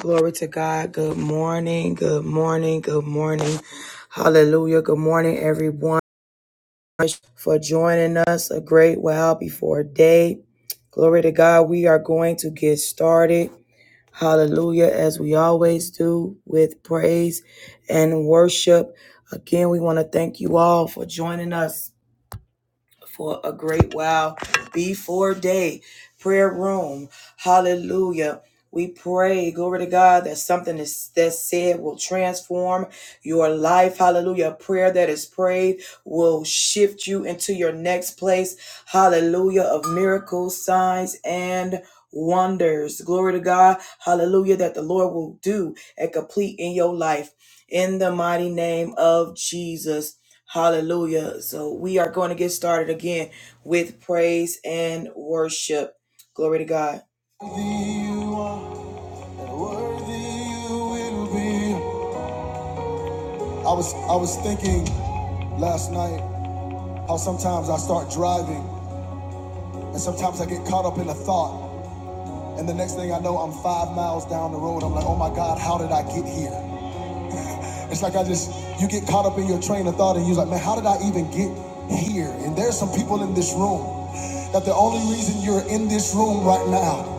Glory to God. Good morning. Good morning. Good morning. Hallelujah. Good morning, everyone, for joining us a great while before day. Glory to God. We are going to get started. Hallelujah. As we always do with praise and worship. Again, we want to thank you all for joining us for a great while before day. Prayer room. Hallelujah. We pray, glory to God, that something is that's said will transform your life. Hallelujah. A prayer that is prayed will shift you into your next place. Hallelujah. Of miracles, signs, and wonders. Glory to God. Hallelujah. That the Lord will do and complete in your life. In the mighty name of Jesus. Hallelujah. So we are going to get started again with praise and worship. Glory to God. Worthy you are, and worthy you will be. I was I was thinking last night how sometimes I start driving and sometimes I get caught up in a thought and the next thing I know I'm 5 miles down the road. I'm like, "Oh my God, how did I get here?" It's like I just, you get caught up in your train of thought and you're like, man, how did I even get here? And there's some people in this room that the only reason you're in this room right now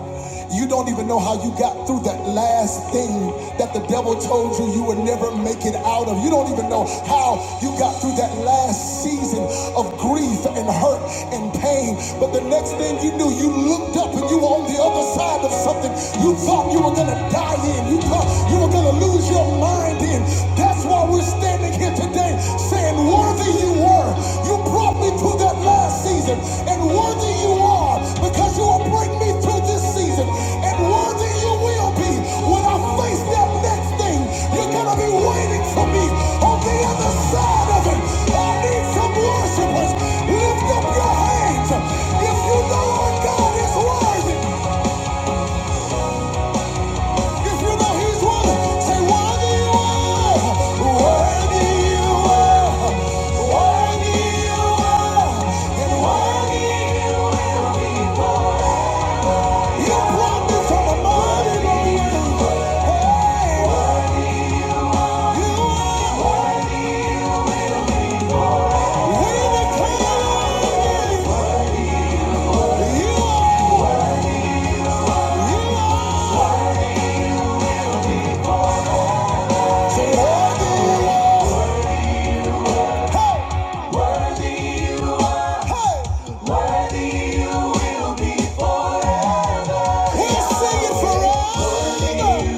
you don't even know how you got through that last thing that the devil told you you would never make it out of. You don't even know how you got through that last season of grief and hurt and pain. But the next thing you knew, you looked up and you were on the other side of something you thought you were going to die lie in. You thought you were going to lose your mind in. That's why we're standing here today saying, Worthy you were. You brought me through that last season. And worthy you are because you will bring me through this season. And worthy you will be when I face that next thing. You're going to be waiting for me on the other side of it. I need some worshipers. Lift up your hands if you know our God is worthy. If you know he's worthy, say worthy you are, worthy you are, worthy you are, and worthy you will be forever. You brought me from a mighty long way. Hey, you are. We declare you, you are, you are. Say worthy you are. Hey, hey. He'll sing it forever. Hey,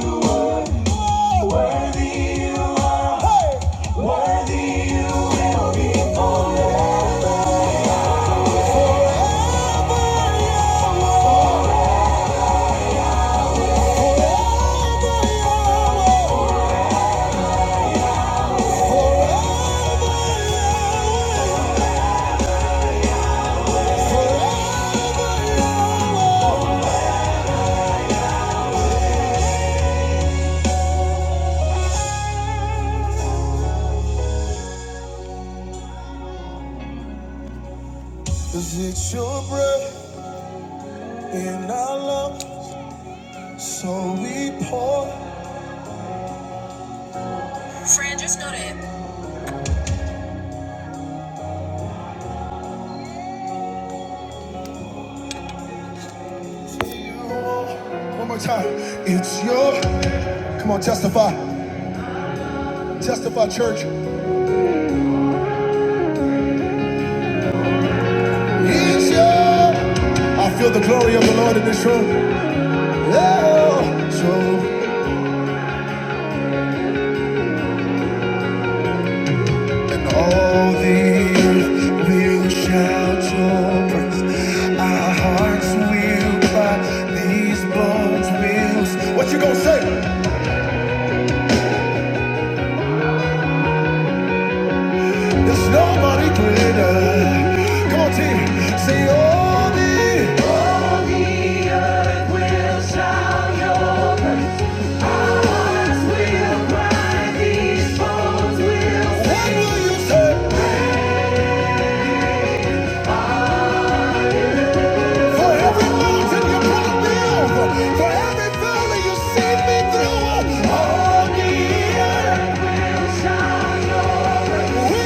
Cause it's your breath in our lungs, so we pour to you. It's you. It's you. I feel the glory of the Lord in this room. Oh, so and all the earth will shout your praise. Our hearts will cry. These bones will. What you gonna say? There's nobody greater. Come on, team. Say all the. What will you say? For every mountain you brought me over, for every valley you see me through, all the earth we will. What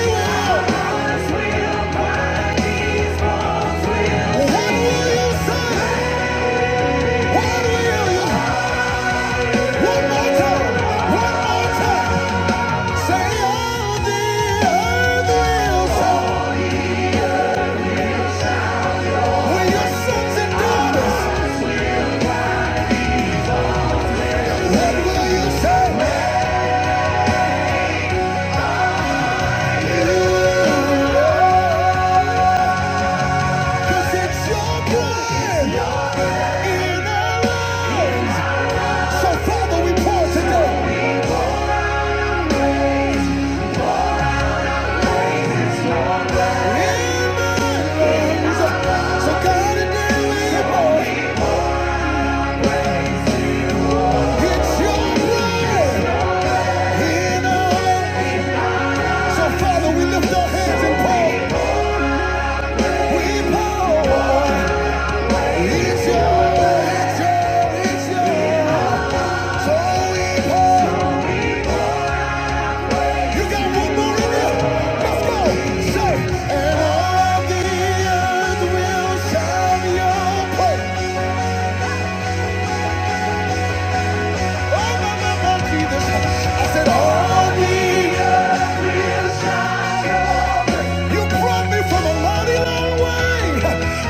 will you say? One more time, one more time. Say all the earth will say. Will your sons and daughters, what will you say? Cause it's your blood in our lives. So Father, we pour today. In words. So God, today we pour. It's your blood in our So Father, we lift our hands and pour. We pour. It's your, it's your, it's your. You got one more in you. Let's go. Say, and all the earth will shout your praise. Oh, my, my, my, Jesus. I said, all the earth. You brought me from a mighty long way.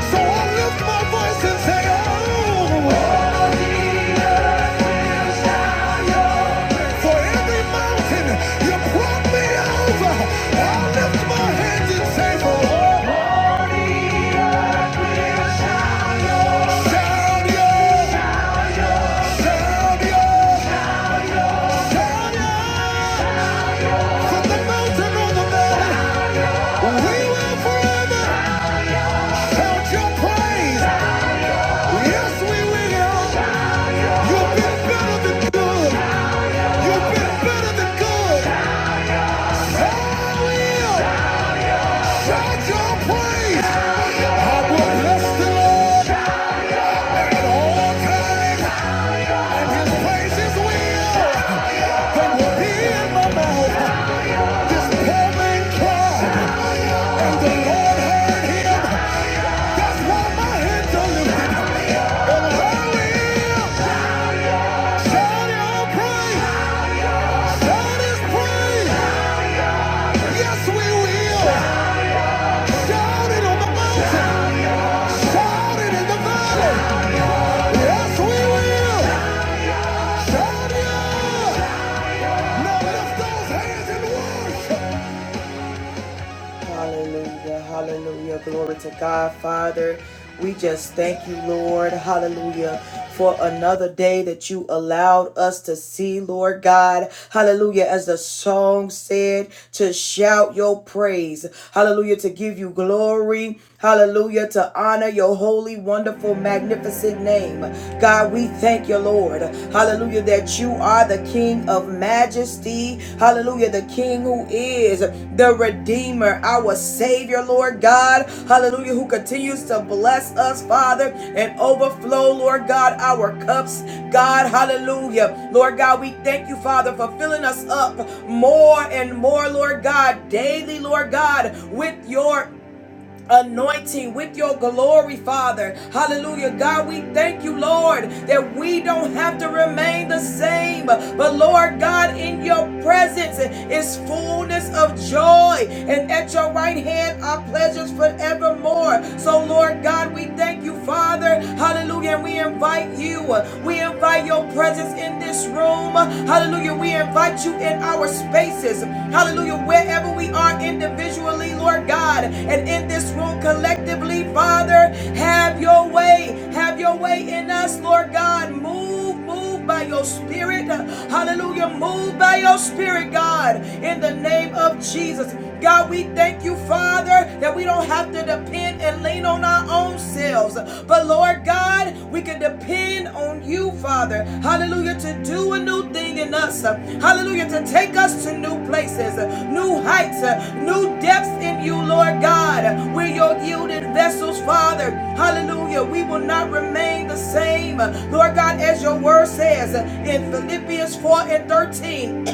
So I lift my voice and say, oh, for every mountain you brought me over. I lift my hands and say, for all. Shout your, shout your. This poor man cried, and the Lord heard him Just want my hands on the and will shout out praise. Shout His praise. Yes, we will. Shout it on the mountain. Shout it in the valley. Yes, we will. Shout it. Now lift those hands and worship. Hallelujah. Hallelujah. Glory to God, Father. We just thank you, Lord. Hallelujah. For another day that you allowed us to see, Lord God. Hallelujah. As the song said, to shout your praise. Hallelujah. To give you glory. Hallelujah, to honor your holy, wonderful, magnificent name. God, we thank you, Lord. Hallelujah, that you are the King of majesty. Hallelujah, the King who is the Redeemer, our Savior, Lord God. Hallelujah, who continues to bless us, Father, and overflow, Lord God, our cups. God, hallelujah. Lord God, we thank you, Father, for filling us up more and more, Lord God, daily, Lord God, with your anointing with your glory, Father. Hallelujah. God, we thank you, Lord, that we don't have to remain the same. But Lord God, in your presence is fullness of joy, and at your right hand are pleasures forevermore. So, Lord God, we thank you, Father. Hallelujah. And we invite you, we invite your presence in this room. Hallelujah. We invite you in our spaces. Hallelujah. Wherever we are individually, Lord God, and in this room collectively, Father, have your way. Have your way in us, Lord God. Move, move by your spirit. Hallelujah. Move by your spirit, God, in the name of Jesus. God, we thank you, Father, that we don't have to depend and lean on our own selves. But Lord God, we can depend on you, Father. Hallelujah, to do a new thing in us. Hallelujah, to take us to new places, new heights, new depths in you, Lord God. We're your yielded vessels, Father. Hallelujah. We will not remain the same, Lord God, as your word says in Philippians 4 and 13,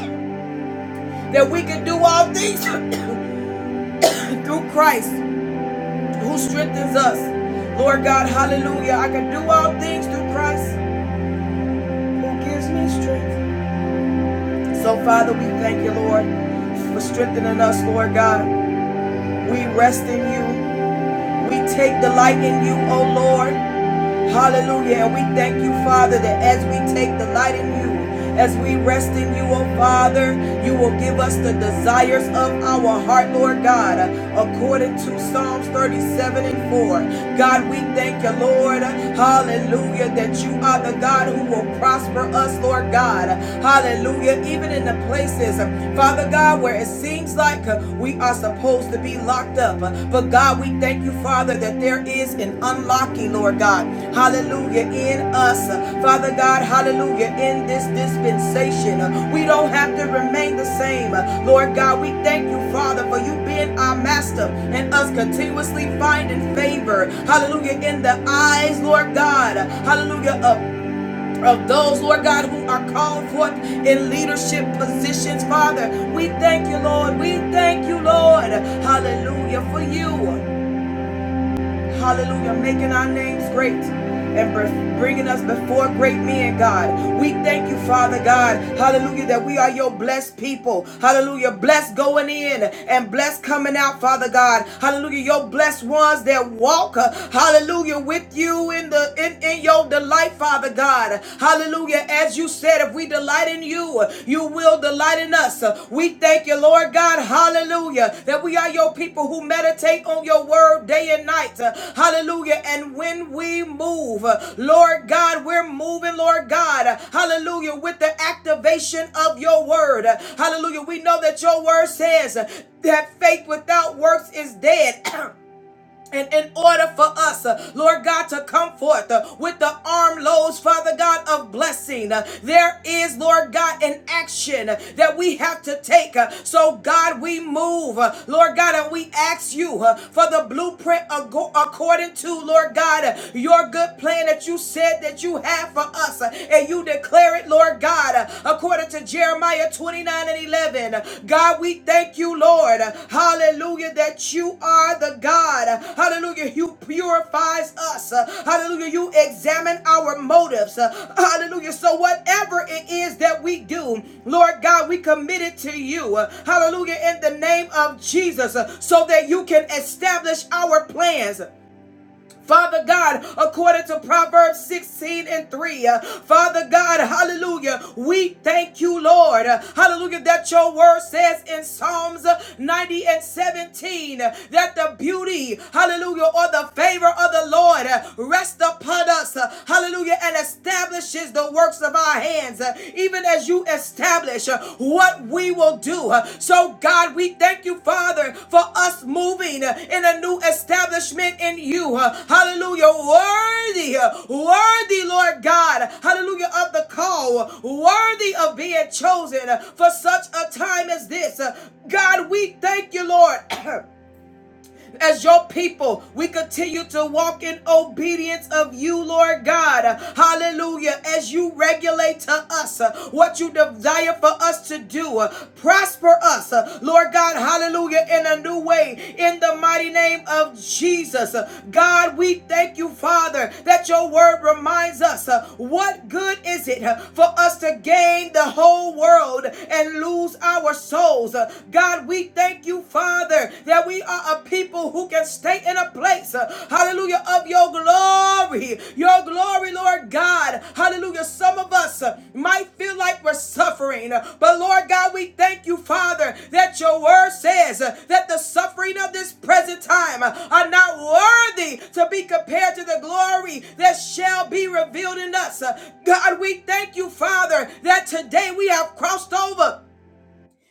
that we can do all things through Christ who strengthens us. Lord God, hallelujah. I can do all things through Christ who gives me strength. So, Father, we thank you, Lord, for strengthening us, Lord God. We rest in you. We take delight in you, O Lord. Hallelujah. And we thank you, Father, that as we take delight in you, as we rest in you, oh Father, you will give us the desires of our heart, Lord God, according to Psalms 37 and 4. God, we thank you, Lord. Hallelujah, that you are the God who will prosper us, Lord God. Hallelujah. Even in the places, Father God, where it seems like like uh, we are supposed to be locked up. Uh, But God, we thank you, Father, that there is an unlocking, Lord God. Hallelujah, in us. Uh, Father God, hallelujah, in this dispensation. Uh, We don't have to remain the same. Uh, Lord God, we thank you, Father, for you being our master and us continuously finding favor. Hallelujah, in the eyes, Lord God. Hallelujah, of of those, Lord God, who are called forth in leadership positions, Father. We thank you, Lord. We thank you, Lord. Hallelujah for you. Hallelujah. Making our names great and bringing us before great men, God. We thank you, Father God. Hallelujah. That we are your blessed people. Hallelujah. Blessed going in and blessed coming out, Father God. Hallelujah. Your blessed ones that walk. uh, Hallelujah. With you in the in, in your delight, Father God. Hallelujah. As you said, if we delight in delight in you. You will delight in us. We thank you, Lord God. Hallelujah. That we are your people who meditate on your word day and night. Hallelujah. And when we move, Lord God, we're moving, Lord God. Hallelujah. With the activation of your word. Hallelujah. We know that your word says that faith without works is dead. and in order for us, uh, Lord God, to come forth uh, with the armloads, Father God, of blessing, uh, there is, Lord God, an action uh, that we have to take. uh, So, God, we move, uh, Lord God, and we ask you uh, for the blueprint ago- according to, Lord God, uh, your good plan that you said that you have for us. uh, And you declare it, Lord God, uh, according according to Jeremiah 29 and 11. God, we thank you, Lord. Hallelujah, that you are the God. Hallelujah, you purifies us. Hallelujah, you examine our motives. Hallelujah, so whatever it is that we do, Lord God, we commit it to you. Hallelujah, in the name of Jesus, so that you can establish our plans. Father God, according to Proverbs 16 and 3. uh, Father God, hallelujah, we thank you, Lord. uh, Hallelujah, that your word says in Psalms uh, 90 and 17 uh, that the beauty, hallelujah, or the favor of the Lord uh, rests upon us, uh, hallelujah, and establishes the works of our hands. Uh, Even even as you establish uh, what we will do. Uh, So, God, we thank you, Father, for us moving uh, in a new establishment in you. Uh, Hallelujah. Worthy, uh, worthy, Lord God. Hallelujah. Of the call, worthy of being chosen uh, for such a time as this. Uh, God, we thank you, Lord. as your people, we continue to walk in obedience of you, Lord God. Hallelujah. As you regulate to us uh, what you desire for us to do, uh, prosper us, uh, Lord God. Hallelujah. In a new way, in the mighty name of Jesus. Uh, God, we thank you, Father, that your word reminds us uh, what good is it uh, for us to gain the whole world and lose our souls. Uh, God, we thank thank you, Father, that we are a people who can stay in a place, uh, hallelujah, of your glory. Your glory, Lord God. Hallelujah. Some of us uh, might feel like we're suffering, uh, but Lord God, we thank you, Father, that your word says uh, that the suffering of this present time uh, are not worthy to be compared to the glory that shall be revealed in us. Uh, God, we thank you, Father, that today we have crossed over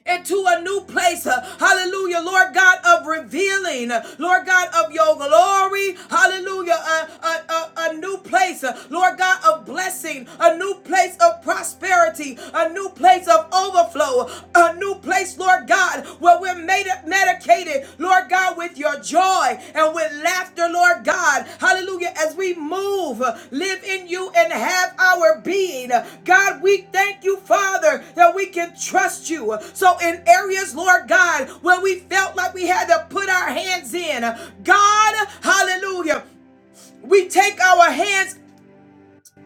into a new place. uh, Hallelujah, Lord God of revealing, uh, Lord God of your glory. Hallelujah, a, a, a, a new place, uh, Lord God of blessing, a new place of prosperity, a new place of overflow, a new place, Lord God, where we're medicated, Lord. God, with your joy and with laughter, Lord God. Hallelujah. As we move, live in you, and have our being. God, we thank you, Father, that we can trust you. So, in areas, Lord God, where we felt like we had to put our hands in, God, hallelujah. We take our hands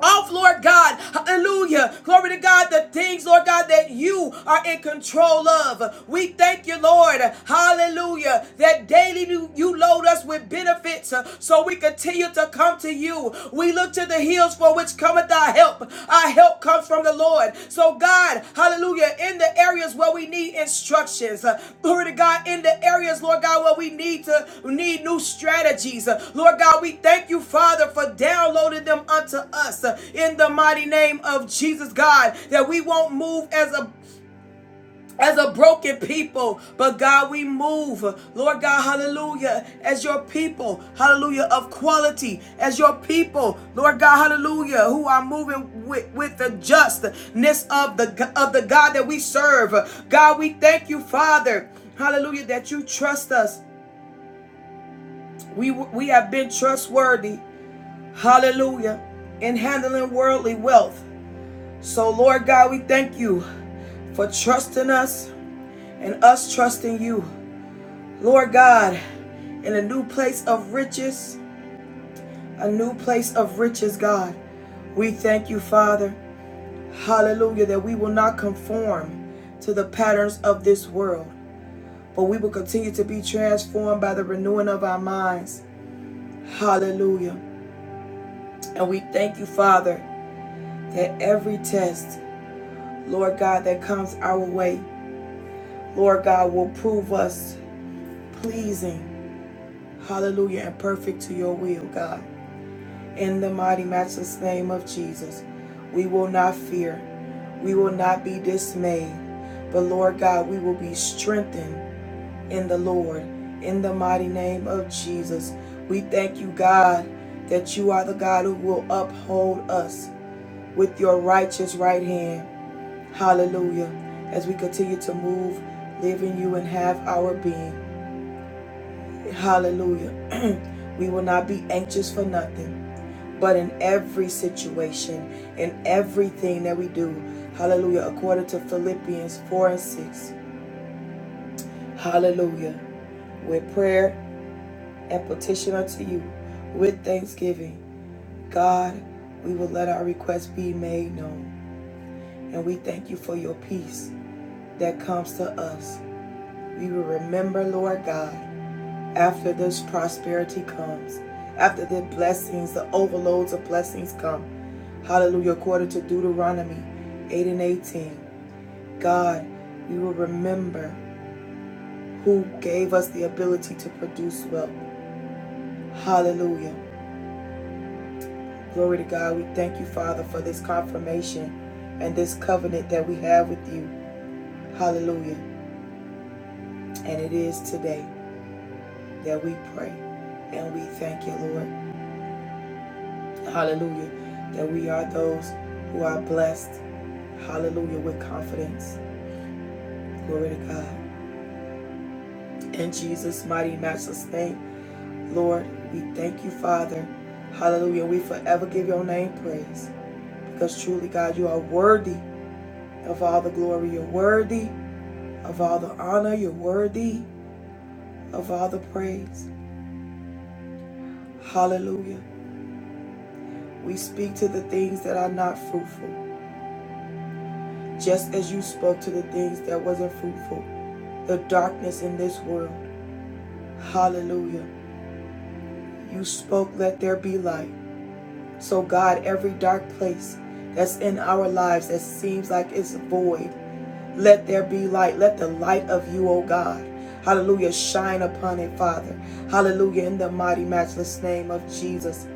off, Lord God. Hallelujah. Glory to God. The things, Lord God, that you are in control of. We thank you, Lord. Hallelujah. That daily you load us with benefits uh, so we continue to come to you. We look to the hills for which cometh our help. Our help comes from from the Lord. So, God, hallelujah, in the areas where we need instructions, uh, glory to God, in the areas, Lord God, where we need to need new strategies, uh, Lord God, we thank you, Father, for downloading them unto us uh, in the mighty name of Jesus, God, that we won't move as a as a broken people, but God, we move, Lord God, hallelujah, as your people, hallelujah, of quality, as your people, Lord God, hallelujah, who are moving with, with the justness of the of the God that we serve. God, we thank you, Father, hallelujah, that you trust us. We we have been trustworthy, hallelujah, in handling worldly wealth. So, Lord God, we thank you for trusting us and us trusting you. Lord God, in a new place of riches, a new place of riches, God, we thank you, Father. Hallelujah, that we will not conform to the patterns of this world, but we will continue to be transformed by the renewing of our minds. Hallelujah. And we thank you, Father, that every test, Lord God, that comes our way, Lord God, will prove us pleasing, hallelujah, and perfect to your will, God. In the mighty matchless name of Jesus, we will not fear. We will not be dismayed. But Lord God, we will be strengthened in the Lord. In the mighty name of Jesus, we thank you, God, that you are the God who will uphold us with your righteous right hand. Hallelujah. As we continue to move, live in you, and have our being. Hallelujah. we will not be anxious for nothing. But in every situation, in everything that we do, hallelujah, according to Philippians 4 and 6, hallelujah, with prayer and petition unto you, with thanksgiving, God, we will let our requests be made known. And we thank you for your peace that comes to us. We will remember, Lord God. after this prosperity comes, after the blessings, the overloads of blessings come. Hallelujah. According to Deuteronomy 8 and 18, God, we will remember who gave us the ability to produce wealth. Hallelujah. Glory to God. We thank you, Father, for this confirmation and this covenant that we have with you. Hallelujah. And it is today that we pray and we thank you, Lord. Hallelujah. That we are those who are blessed. Hallelujah. With confidence. Glory to God. In Jesus' mighty, matchless name, Lord, we thank you, Father. Hallelujah. We forever give your name praise because truly, God, you are worthy of all the glory. You're worthy of all the honor. You're worthy of all the praise. Hallelujah. We speak to the things that are not fruitful, just as you spoke to the things that wasn't fruitful, the darkness in this world. Hallelujah. You spoke, let there be light. So, God, every dark place that's in our lives that seems like it's void, let there be light. Let the light of you, oh God, hallelujah, shine upon it, Father. Hallelujah, in the mighty, matchless name of Jesus.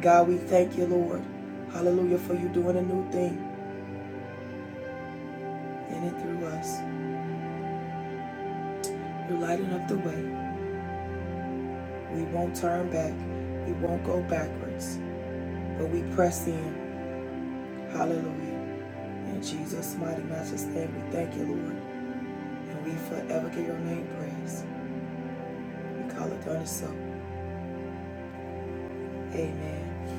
God, we thank you, Lord. Hallelujah, for you doing a new thing in and through us. You're lighting up the way. We won't turn back, we won't go backwards, but we press in. Hallelujah. In Jesus' mighty matchless name, we thank you, Lord. And we forever give your name praise. We call it done and so. Amen.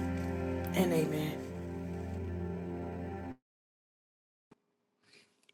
And amen.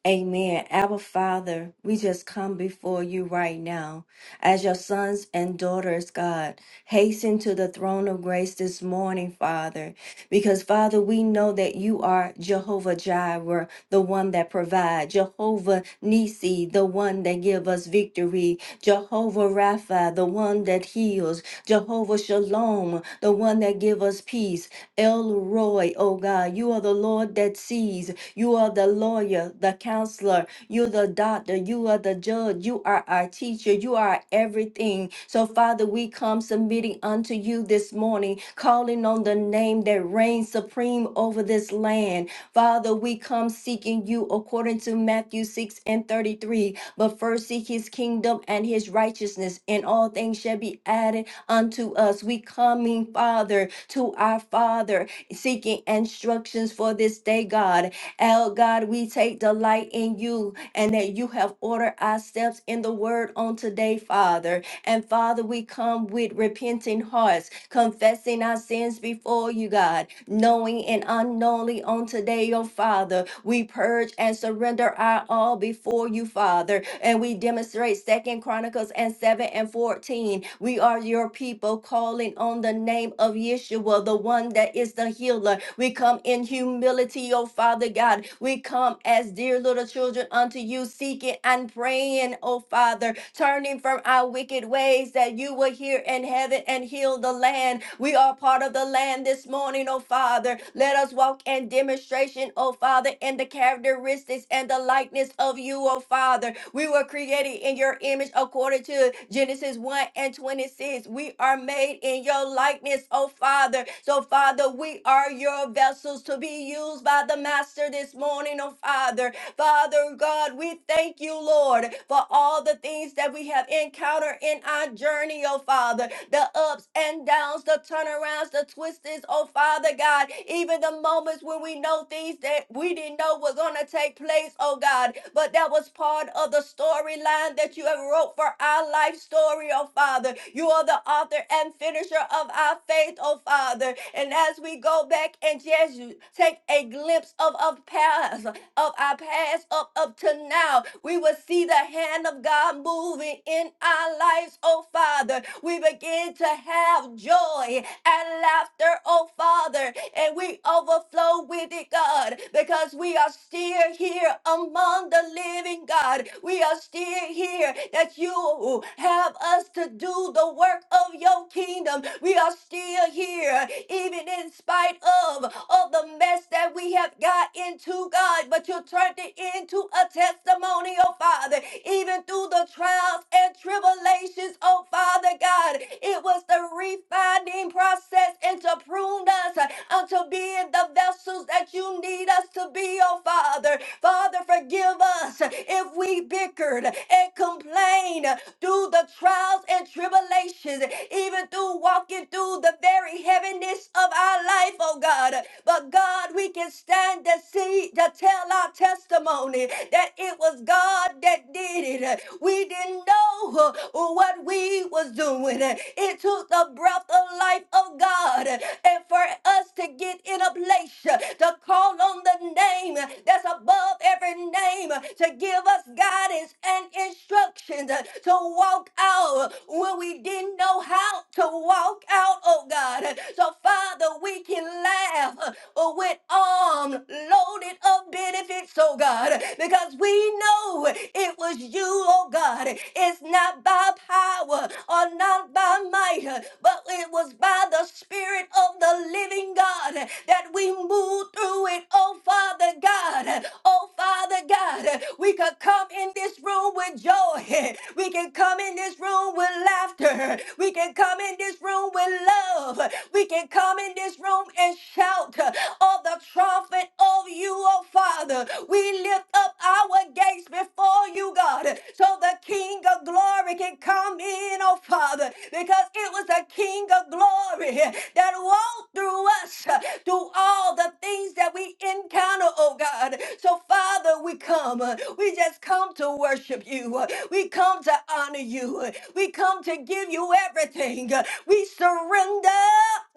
Amen. Our Father, we just come before you right now as your sons and daughters, God. Hasten to the throne of grace this morning, Father, because Father, we know that you are Jehovah Jireh, the one that provides, Jehovah Nisi, the one that gives us victory, Jehovah Rapha, the one that heals, Jehovah Shalom, the one that give us peace. El Roy, oh God, you are the Lord that sees. You are the lawyer, the counselor. You're the doctor. You are the judge. You are our teacher. You are everything. So, Father, we come submitting unto you this morning, calling on the name that reigns supreme over this land. Father, we come seeking you according to Matthew 6 and 33. But first seek his kingdom and his righteousness, and all things shall be added unto us. We coming, Father, to our Father, seeking instructions for this day, God. El God, we take delight in you and that you have ordered our steps in the word on today, Father. And Father, we come with repenting hearts, confessing our sins before you, God, knowing and unknowingly on today, oh Father. We purge and surrender our all before you, Father. And we demonstrate Second Chronicles and 7 and 14. We are your people calling on the name of Yeshua, the one that is the healer. We come in humility, oh Father God. We come as dear little children unto you, seeking and praying praying, oh Father, turning from our wicked ways that you will hear in heaven and heal the land. We are part of the land this morning, oh Father. Let us walk in demonstration, oh Father, in the characteristics and the likeness of you, oh Father. We were created in your image according to Genesis 1 and 26. We are made in your likeness, oh Father. So, Father, we are your vessels to be used by the Master this morning, oh Father. Father God, we thank you, Lord, for all the things that we have encountered in our journey, oh Father. The ups and downs, the turnarounds, the twists, oh Father God. Even the moments when we know things that we didn't know were going to take place, oh God. But that was part of the storyline that you have wrote for our life story, oh Father. You are the author and finisher of our faith, oh Father. And as we go back and just take a glimpse of a past, of our past up up to now. We will see the hand of God moving in our lives, oh Father. We begin to have joy and laughter, oh Father, and we overflow with it, God, because we are still here among the living God. We are still here that you have us to do the work of your kingdom. We are still here, even in spite of, of the mess that we have got into, God. God, but you turned it into a testimony, oh Father. Even through the trials and tribulations, oh Father God, it was the refining process and to prune us unto being the vessels that you need us to be, oh Father. Father, forgive us if we bickered and complained through the trials and tribulations, even through walking through the very heaviness of our life, oh God. But God, we can stand to see, to tell our testimony that it was God that did it. We didn't know uh, what we was doing. It took the breath of life of God uh, and for us to get in a place uh, to call on the name that's above every name uh, to give give us guidance and instructions uh, to walk out when we didn't know how to walk out, oh God. So, Father, we can laugh uh, with arms loaded of benefits, oh God, because we know it was you, oh God. It's not by power or not by might, uh, but it was by the Spirit of the living God that we moved through it, oh Father. God. Oh, Father God, we could come in this room with joy. We can come in this room with laughter. We can come in this room with love. We can come in this room and shout all the trumpet of you, oh Father. We lift up our gates before you, God, so the King of glory can come in, oh Father, because it was the King of glory that walked through us through all the things that we encounter, oh God. So, Father, we come. uh, We just come to worship you. uh, We come to honor you. uh, We come to give you everything. uh, We surrender.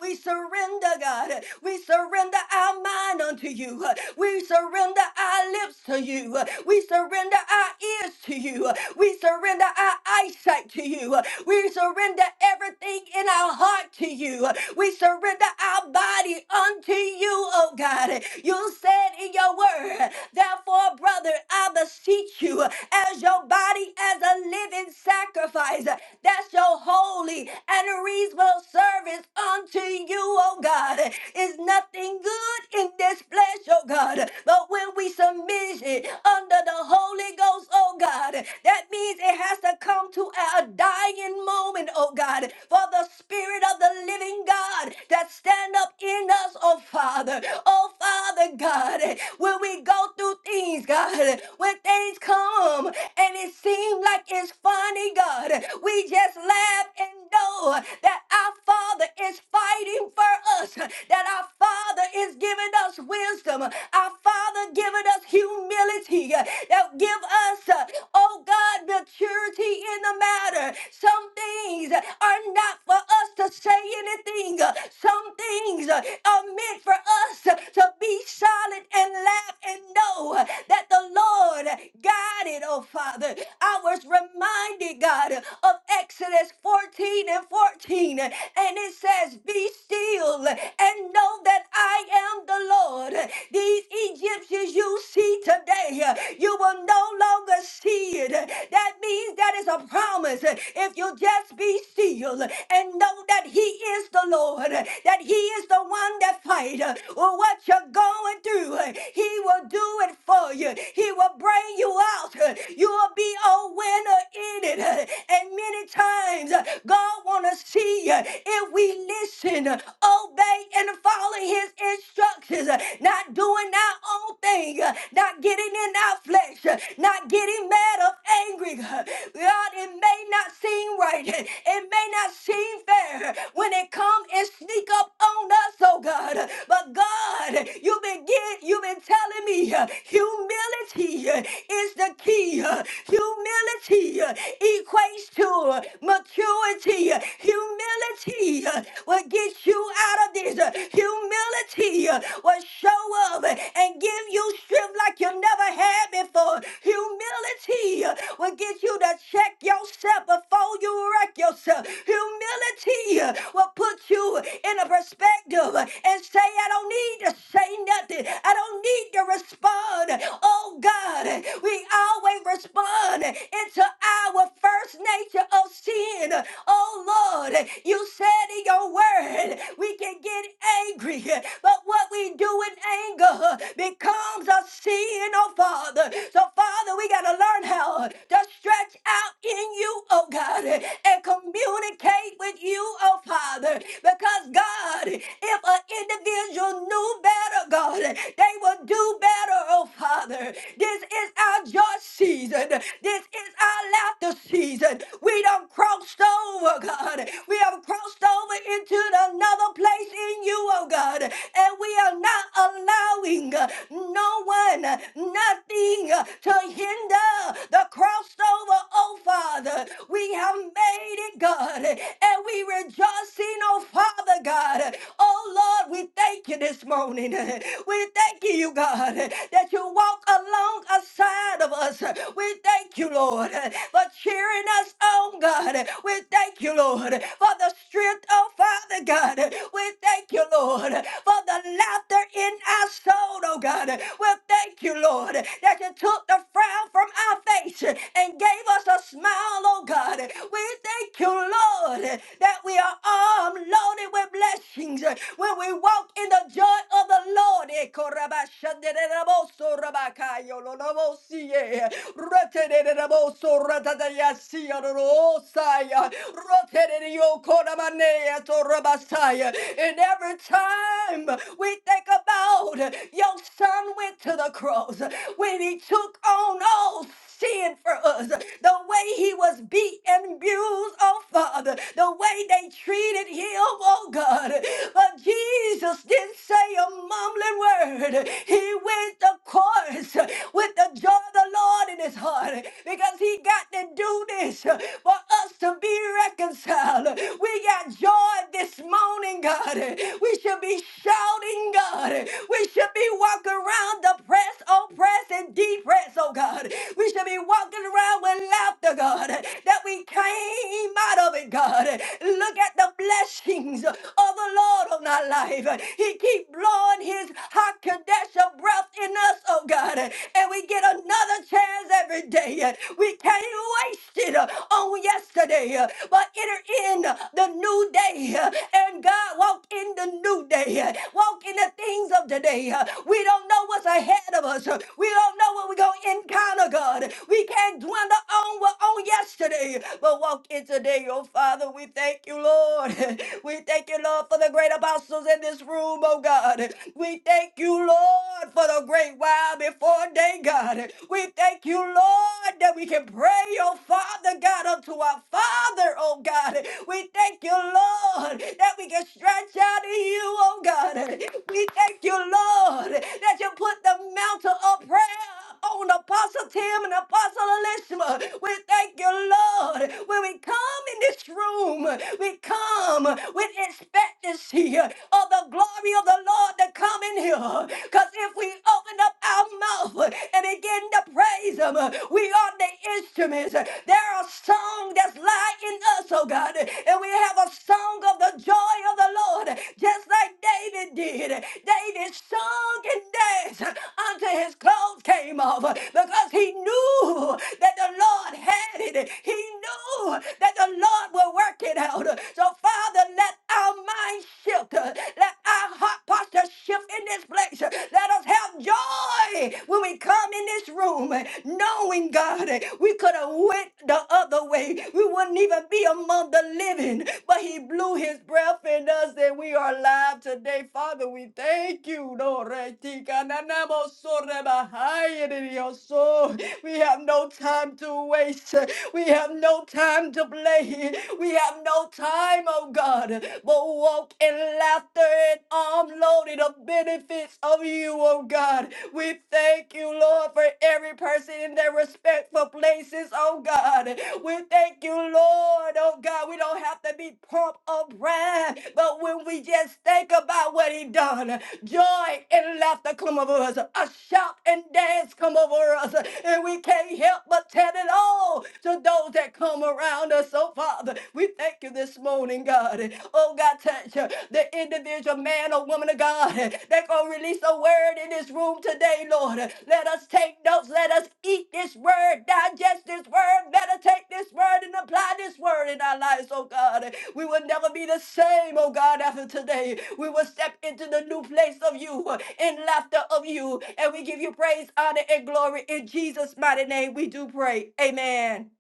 We surrender, God. We surrender our mind mind unto you. We surrender our lips to you. We surrender our ears to you. We surrender our eyesight to you. We surrender everything in our heart to you. We surrender our body unto you, oh God. You said in your word, therefore, brother, I beseech you, as your body as a living sacrifice, that's your holy and reasonable service unto you, oh God. Is nothing nothing good in this flesh, oh God. But when we submit it under the Holy Ghost, oh God, that means it has to come to a dying moment, oh God, for the Spirit of the living God that stand up in us, oh Father. Oh Father God, when we go through things, God, when things come and it seems like it's funny, God, we just laugh and know that our Father is fighting for us that our Father is giving us wisdom, our Father giving us humility, uh, that give us, uh, oh God, maturity in the matter. Some things uh, are not for us to say anything. uh, Some things uh, are meant for us uh, to be silent and laugh and know uh, that the Lord guided, oh Father. I was reminded, God, of Exodus 14 and 14, and it says, Be still and know that I am the Lord. These Egyptians you see today, you will no longer see it. That means that is a promise. If you just be still and know that He is the Lord, that He is the one that fight uh, what you're going through. uh, He will do it for you. He will bring you out. uh, You will be a winner in it. uh, And many times uh, God want to see you if we listen, obey, and follow his instructions, not doing our own thing, not getting in our flesh, not getting mad or angry. God, it may not seem right. It may not seem fair when it come and sneak up on us, oh God. But God, you begin, you've been telling me uh, humility uh, is the key. uh, Humility uh, equates to uh, maturity. uh, Humility uh, will get you out of this. Uh, Humility uh, will show up uh, and give you strength like you never had before. Humility uh, will get you to check yourself before you wreck yourself. Humility uh, will put you in a perspective uh, and say, I don't need to say nothing. I don't need to respond. Oh God, we always respond into our first nature of sin. Oh Lord, you said in your word we can get angry, but what we do in anger becomes a sin, oh Father. So, Father, we got to learn how to stretch out in you, oh God, and communicate with you, oh Father. Because, God, if an individual knew better, God, they would do better, oh Father. This is our joy season. This is laughter season. We done crossed over, God. We have crossed over into another place in you, oh God. And we are not allowing uh, no one, uh, nothing uh, to hinder the crossover, oh Father. We have made it, God. And we rejoicing, oh Father God. Oh Lord, we thank you this morning. We thank you, God, that you walk alongside inside of us. We thank you, Lord, for cheering us on, God. We thank you, Lord, for the strength, oh Father God. We thank you, Lord, for the laughter in our soul, oh God. We thank you, Lord, that you took the frown from our face and gave us a smile, oh God. We thank you, Lord, that we are armed, loaded with blessings when we walk in the joy of the Lord. Shandereraboso Rabakayo Lolobosie Retereraboso Ratadayasia Rosaya Roterio Koramanea Torabasaya. And every time we think about your son went to the cross when he took on all sin for us, the way he was beat and abused, oh Father, the way they treated him, oh God. But Jesus didn't say a mumbling word. He went the course with the joy of the Lord in his heart because he got to do this for us to be reconciled. We got joy this morning, God. We should be shouting, God. We should be walking around the press, oppressed, and depressed be pressed, oh God. We shall be walking around with laughter, God, that we came out of it, God. Look at the blessings of the Lord on our life. He keep blowing his hot Kadesha breath in us, oh God, and we get another chance every day. We can't waste it on yesterday, but enter in the new day. And God, walk in the new day. Walk in the things of today. We don't know what's ahead ahead of us. We don't know what we're going to encounter, God. We can't dwell on what on yesterday, but walk in today, oh Father. We thank you, Lord. We thank you, Lord, for the great apostles in this room, oh God. We thank you, Lord, for the great while before day, God. We thank you, Lord, that we can pray, oh Father God, unto our Father, oh God. We thank you, Lord, that we can stretch out to you, oh God. We thank you, Lord. God, that you put the mantle of prayer on Apostle Tim and Apostle Elishma. We thank you, Lord. When we come in this room, we come with expectancy of the glory of the Lord to come in here. Because if we open up our mouth and begin to praise Him, we are the instruments. There are songs that's lying in us, oh God. And we have a song of the joy of the Lord, just like David did. David sung and danced until his clothes came off because he knew that the Lord had it. He knew that the Lord will work it out. So, Father, let our mind shift. Let our heart posture shift in this place. Let us have joy when we and come in this room eh, knowing, God, eh, we could have went the other way. We wouldn't even be among the living. But he blew his breath in us and we are alive today. Father, we thank you. No, retika, na, na, mo, so, re, ba, hi, it is your soul. We have no time to waste. We have no time to play. We have no time time, oh God, but walk in laughter and arm loaded of benefits of you, oh God. We thank you, Lord, for every person in their respectful places, oh God. We thank you, Lord, oh God. We don't have to be prompt or proud, but when we just think about what He done, joy and laughter come over us, a shout and dance come over us, and we can't help but tell it all all to those that come around us. So, Father, we thank you this morning, God. Oh, God, touch uh, the individual man or woman of God uh, that going to release a word in this room today, Lord. Uh, Let us take notes. Let us eat this word, digest this word, meditate this word, and apply this word in our lives, oh, God. We will never be the same, oh God, after today. We will step into the new place of you, in laughter of you, and we give you praise, honor, and glory. In Jesus' mighty name, we do pray. Amen.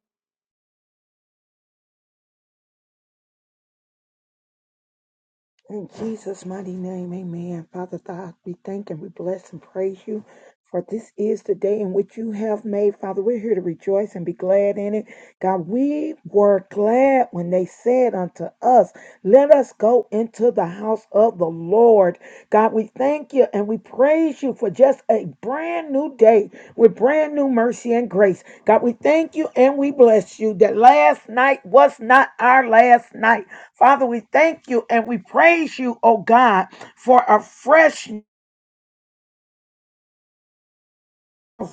In Jesus' mighty name, amen. Father God, we thank and we bless and praise you. For this is the day in which you have made, Father. We're here to rejoice and be glad in it. God, we were glad when they said unto us, Let us go into the house of the Lord. God, we thank you and we praise you for just a brand new day with brand new mercy and grace. God, we thank you and we bless you that last night was not our last night. Father, we thank you and we praise you, oh God, for a fresh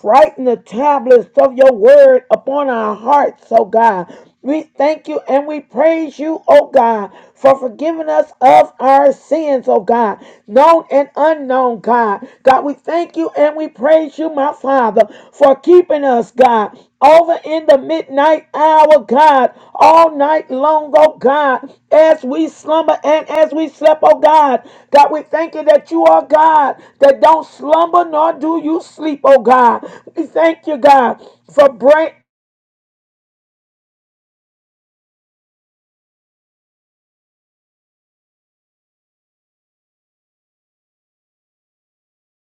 writing the tablets of your word upon our hearts, oh God. We thank you and we praise you, oh God, for forgiving us of our sins, oh God, known and unknown, God. God, we thank you and we praise you, my Father, for keeping keeping us, God, over in the midnight hour, God, all night long, oh God, as we slumber and as we slept, oh God. God, we thank you that you are God that don't slumber nor do you sleep, oh God. We thank you, God, for break.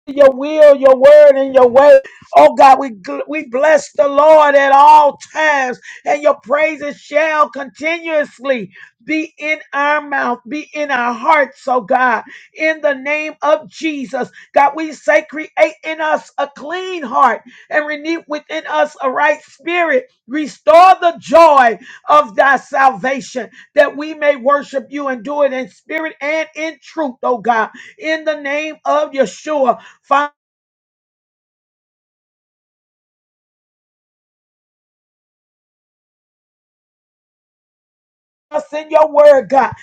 your will, your word, and your way. Oh God, we gl- we bless the Lord at all times, and your praises shall continuously be in our mouth, be in our hearts. Oh God, in the name of Jesus, God, we say, create in us a clean heart and renew within us a right spirit. Restore the joy of thy salvation, that we may worship you and do it in spirit and in truth. Oh God, in the name of Yeshua. Father, send your word, God.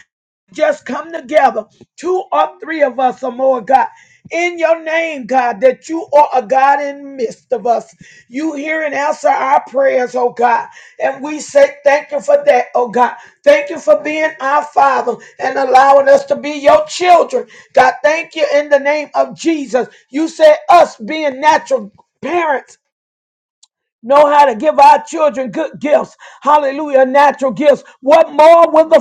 Just come together, two or three of us or more, God. In your name, God, that you are a God in the midst of us. You hear and answer our prayers, oh God. And we say thank you for that, oh God. Thank you for being our Father and allowing us to be your children. God, thank you in the name of Jesus. You said us being natural parents know how to give our children good gifts. Hallelujah, natural gifts. What more will the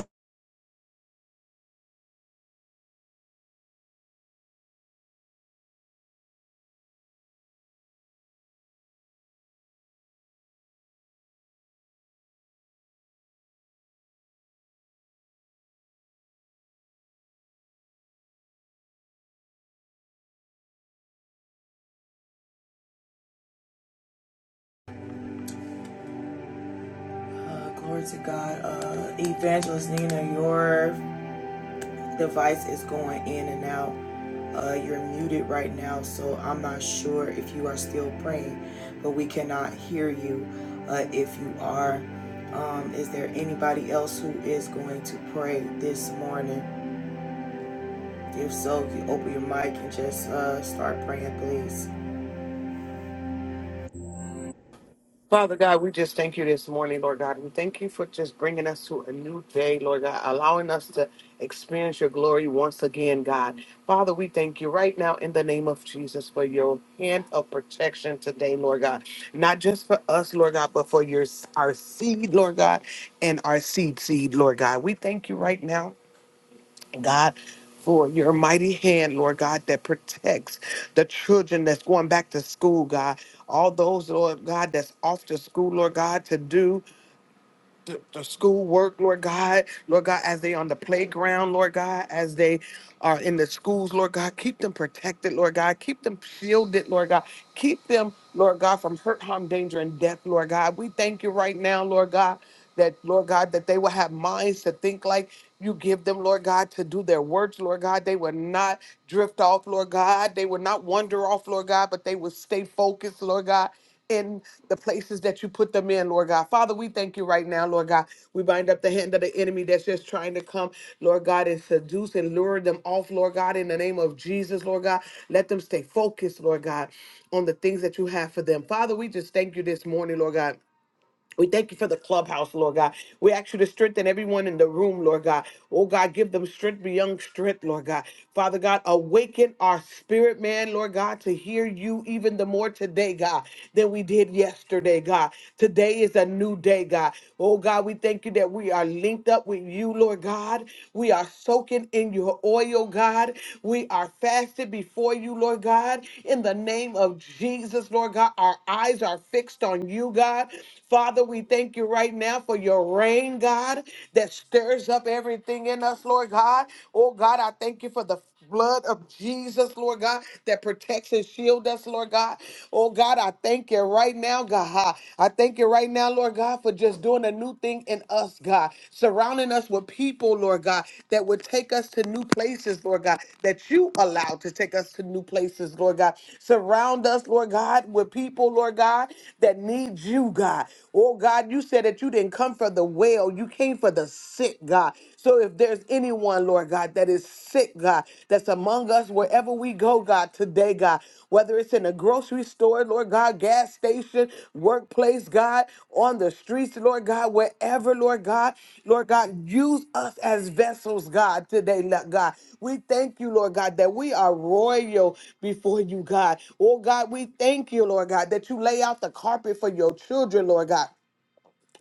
Uh, glory to God. Uh, Evangelist Nina, your device is going in and out. Uh, you're muted right now, so I'm not sure if you are still praying, but we cannot hear you uh, if you are. Um, is there anybody else who is going to pray this morning? If so, you open your mic and just uh, start praying, please. Father God, we just thank you this morning, Lord God. We thank you for just bringing us to a new day, Lord God, allowing us to experience your glory once again, God. Father, we thank you right now in the name of Jesus for your hand of protection today, Lord God. Not just for us, Lord God, but for your our seed, Lord God, and our seed seed, Lord God. We thank you right now God, for your mighty hand, Lord God, that protects the children that's going back to school, God. All those, Lord God, that's off to school, Lord God, to do the, the school work, Lord God, Lord God, as they on the playground, Lord God, as they are in the schools, Lord God, keep them protected, Lord God, keep them shielded, Lord God, keep them, Lord God, from hurt, harm, danger, and death, Lord God. We thank you right now, Lord God, that Lord God, that they will have minds to think like you give them, Lord God, to do their works, Lord God. They will not drift off, Lord God. They will not wander off, Lord God, but they will stay focused, Lord God the places that you put them in, Lord God. Father, we thank you right now, Lord God. We bind up the hand of the enemy that's just trying to come, Lord God, and seduce and lure them off, Lord God, in the name of Jesus, Lord God. Let them stay focused, Lord God, on the things that you have for them. Father, we just thank you this morning, Lord God. We thank you for the clubhouse, Lord God. We ask you to strengthen everyone in the room, Lord God. Oh God, give them strength beyond strength, Lord God. Father God, awaken our spirit, man, Lord God, to hear you even the more today, God, than we did yesterday, God. Today is a new day, God. Oh God, we thank you that we are linked up with you, Lord God. We are soaking in your oil, God. We are fasted before you, Lord God. In the name of Jesus, Lord God, our eyes are fixed on you, God. Father, Father, we thank you right now for your rain, God, that stirs up everything in us, Lord God. Oh, God, I thank you for the blood of Jesus, Lord God, that protects and shield us, Lord God. Oh, God, I thank you right now, God. I thank you right now, Lord God, for just doing a new thing in us, God, surrounding us with people, Lord God, that would take us to new places, Lord God, that you allowed to take us to new places, Lord God. Surround us, Lord God, with people, Lord God, that need you, God. Oh God, you said that you didn't come for the well, you came for the sick, God. So if there's anyone, Lord God, that is sick, God, that's among us wherever we go, God, today, God, whether it's in a grocery store, Lord God, gas station, workplace, God, on the streets, Lord God, wherever, Lord God, Lord God, use us as vessels, God, today, Lord God. We thank you, Lord God, that we are royal before you, God. Oh God, we thank you, Lord God, that you lay out the carpet for your children, Lord God.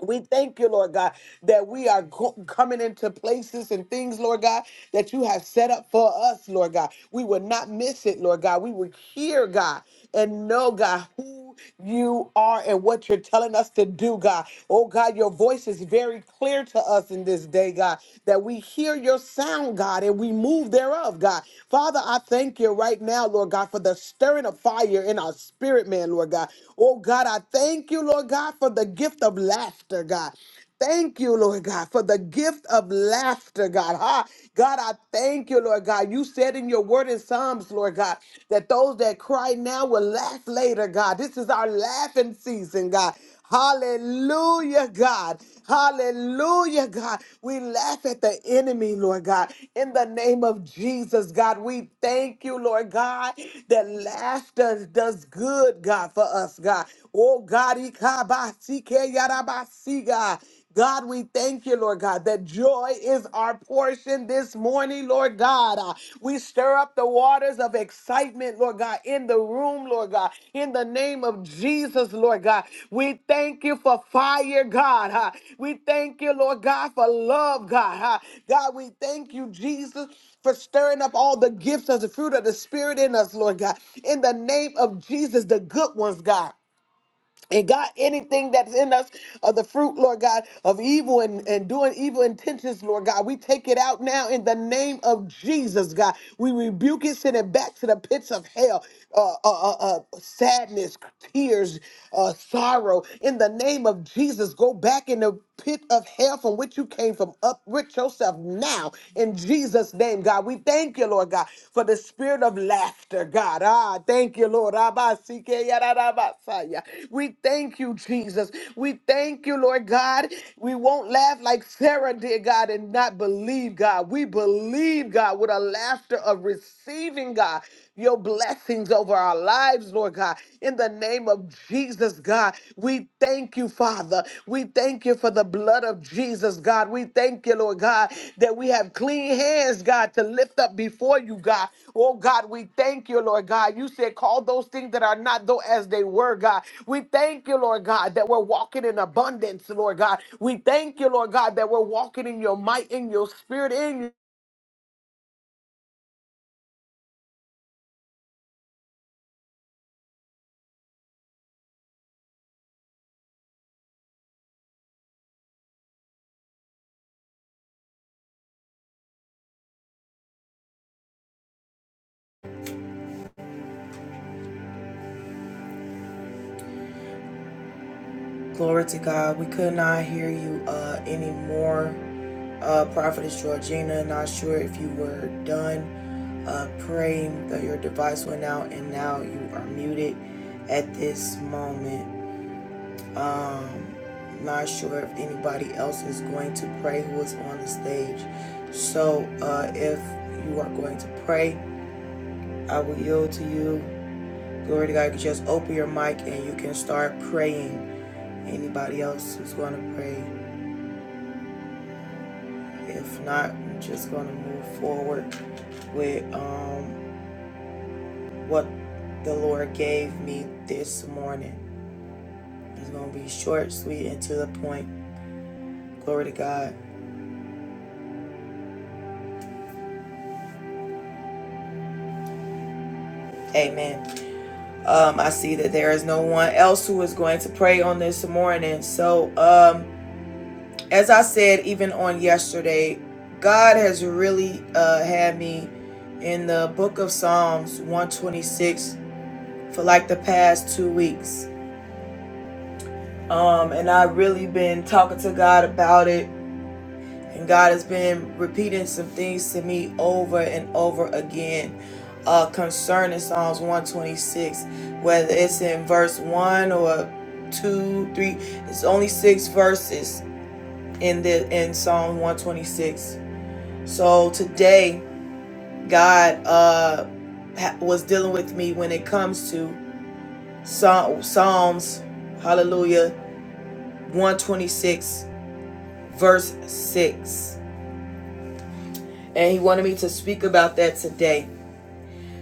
We thank you, Lord God, that we are go- coming into places and things, Lord God, that you have set up for us, Lord God. We would not miss it, Lord God. We would hear, God, and know, God, who you are and what you're telling us to do, God. Oh, God, your voice is very clear to us in this day, God, that we hear your sound, God, and we move thereof, God. Father, I thank you right now, Lord God, for the stirring of fire in our spirit, man, Lord God. Oh, God, I thank you, Lord God, for the the gift of laughter, God. Thank you, Lord God, for the gift of laughter, God. Ha. God, I thank you, Lord God. You said in your word in Psalms, Lord God, that those that cry now will laugh later, God. This is our laughing season, God. Hallelujah, God. Hallelujah, God. We laugh at the enemy, Lord God. In the name of Jesus, God, we thank you, Lord God, that laughter does good, God, for us, God. Oh, God. Yarabasiga. God, we thank you, Lord God, that joy is our portion this morning, Lord God. Uh, we stir up the waters of excitement, Lord God, in the room, Lord God, in the name of Jesus, Lord God. We thank you for fire, God. huh? We thank you, Lord God, for love, God. huh? God, we thank you, Jesus, for stirring up all the gifts of the fruit of the Spirit in us, Lord God, in the name of Jesus, the good ones, God. And God, anything that's in us of the fruit, Lord God, of evil and, and doing evil intentions, Lord God, we take it out now in the name of Jesus, God. We rebuke it, send it back to the pits of hell, uh, uh, uh, uh, sadness, tears, uh, sorrow. In the name of Jesus, go back in the pit of hell from which you came from. Uproot yourself now in Jesus' name, God. We thank you, Lord God, for the spirit of laughter, God. Ah, thank you, Lord. Abba, Sike, Yada, Rabba, Saya. We thank you, Jesus. We thank you, Lord God. We won't laugh like Sarah did, God, and not believe, God. We believe, God, with a laughter of receiving, God, your blessings over our lives, Lord God. In the name of Jesus, God, we thank you, Father. We thank you for the blood of Jesus, God. We thank you, Lord God, that we have clean hands, God, to lift up before you, God. Oh, God, we thank you, Lord God. You said, call those things that are not though as they were, God. We thank you, Lord God, that we're walking in abundance, Lord God. We thank you, Lord God, that we're walking in your might, in your spirit, in your Glory to God. We could not hear you uh, anymore. Uh, Prophetess Georgina, not sure if you were done uh, praying, but your device went out and now you are muted at this moment. Not sure if anybody else is going to pray who is on the stage. So uh, if you are going to pray, I will yield to you. Glory to God. You can just open your mic and you can start praying. Anybody else who's going to pray? If not, I'm just going to move forward with um, what the Lord gave me this morning. It's going to be short, sweet, and to the point. Glory to God. Amen. Um, I see that there is no one else who is going to pray on this morning. So, um, as I said, even on yesterday, God has really uh, had me in the book of Psalms 126 for like the past two weeks. Um, and I've really been talking to God about it. And God has been repeating some things to me over and over again uh, concerning Psalms 126, whether it's in verse 1 or 2, 3. It's only six verses in the in Psalm 126 So today, God uh, ha- was dealing with me when it comes to Psa- Psalms, hallelujah, 126, verse 6. And he wanted me to speak about that today.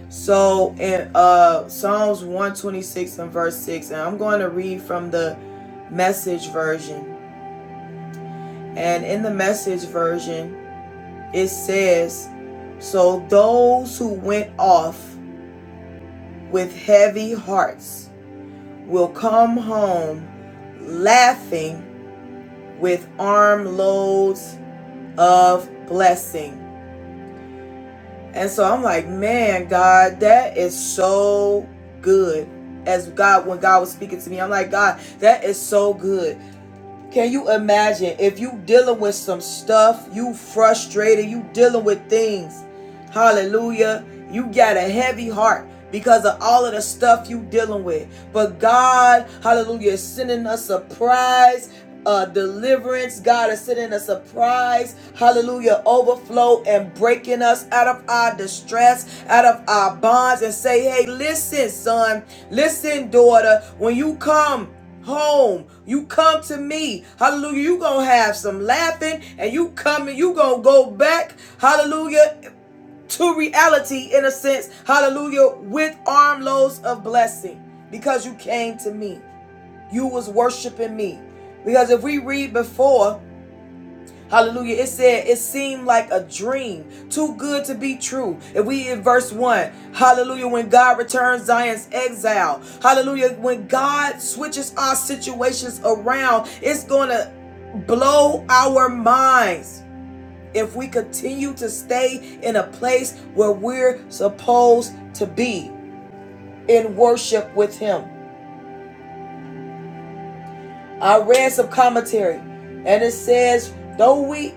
So in uh, Psalms 126 and verse 6, and I'm going to read from the message version. And in the message version, it says, So those who went off with heavy hearts will come home laughing with armloads of blessing. And so I'm like, man, God, that is so good. As God, when God was speaking to me, I'm like, God, that is so good. Can you imagine if you dealing with some stuff, you frustrated, you dealing with things, Hallelujah. You got a heavy heart because of all of the stuff you dealing with. But God, hallelujah, is sending us a surprise. Uh, deliverance, God is sending us a surprise, hallelujah, overflow and breaking us out of our distress, out of our bonds, and say, Hey, listen, son, listen, daughter, when you come home. You come to me. Hallelujah. You gonna have some laughing and you coming. You gonna go back. Hallelujah to reality in a sense. Hallelujah. With armloads of blessing because you came to me. You was worshiping me. Because if we read before, hallelujah, it said it seemed like a dream, too good to be true. If we in verse 1, hallelujah, when God returns Zion's exile, hallelujah, when God switches our situations around, it's going to blow our minds if we continue to stay in a place where we're supposed to be in worship with him. I read some commentary and it says, though we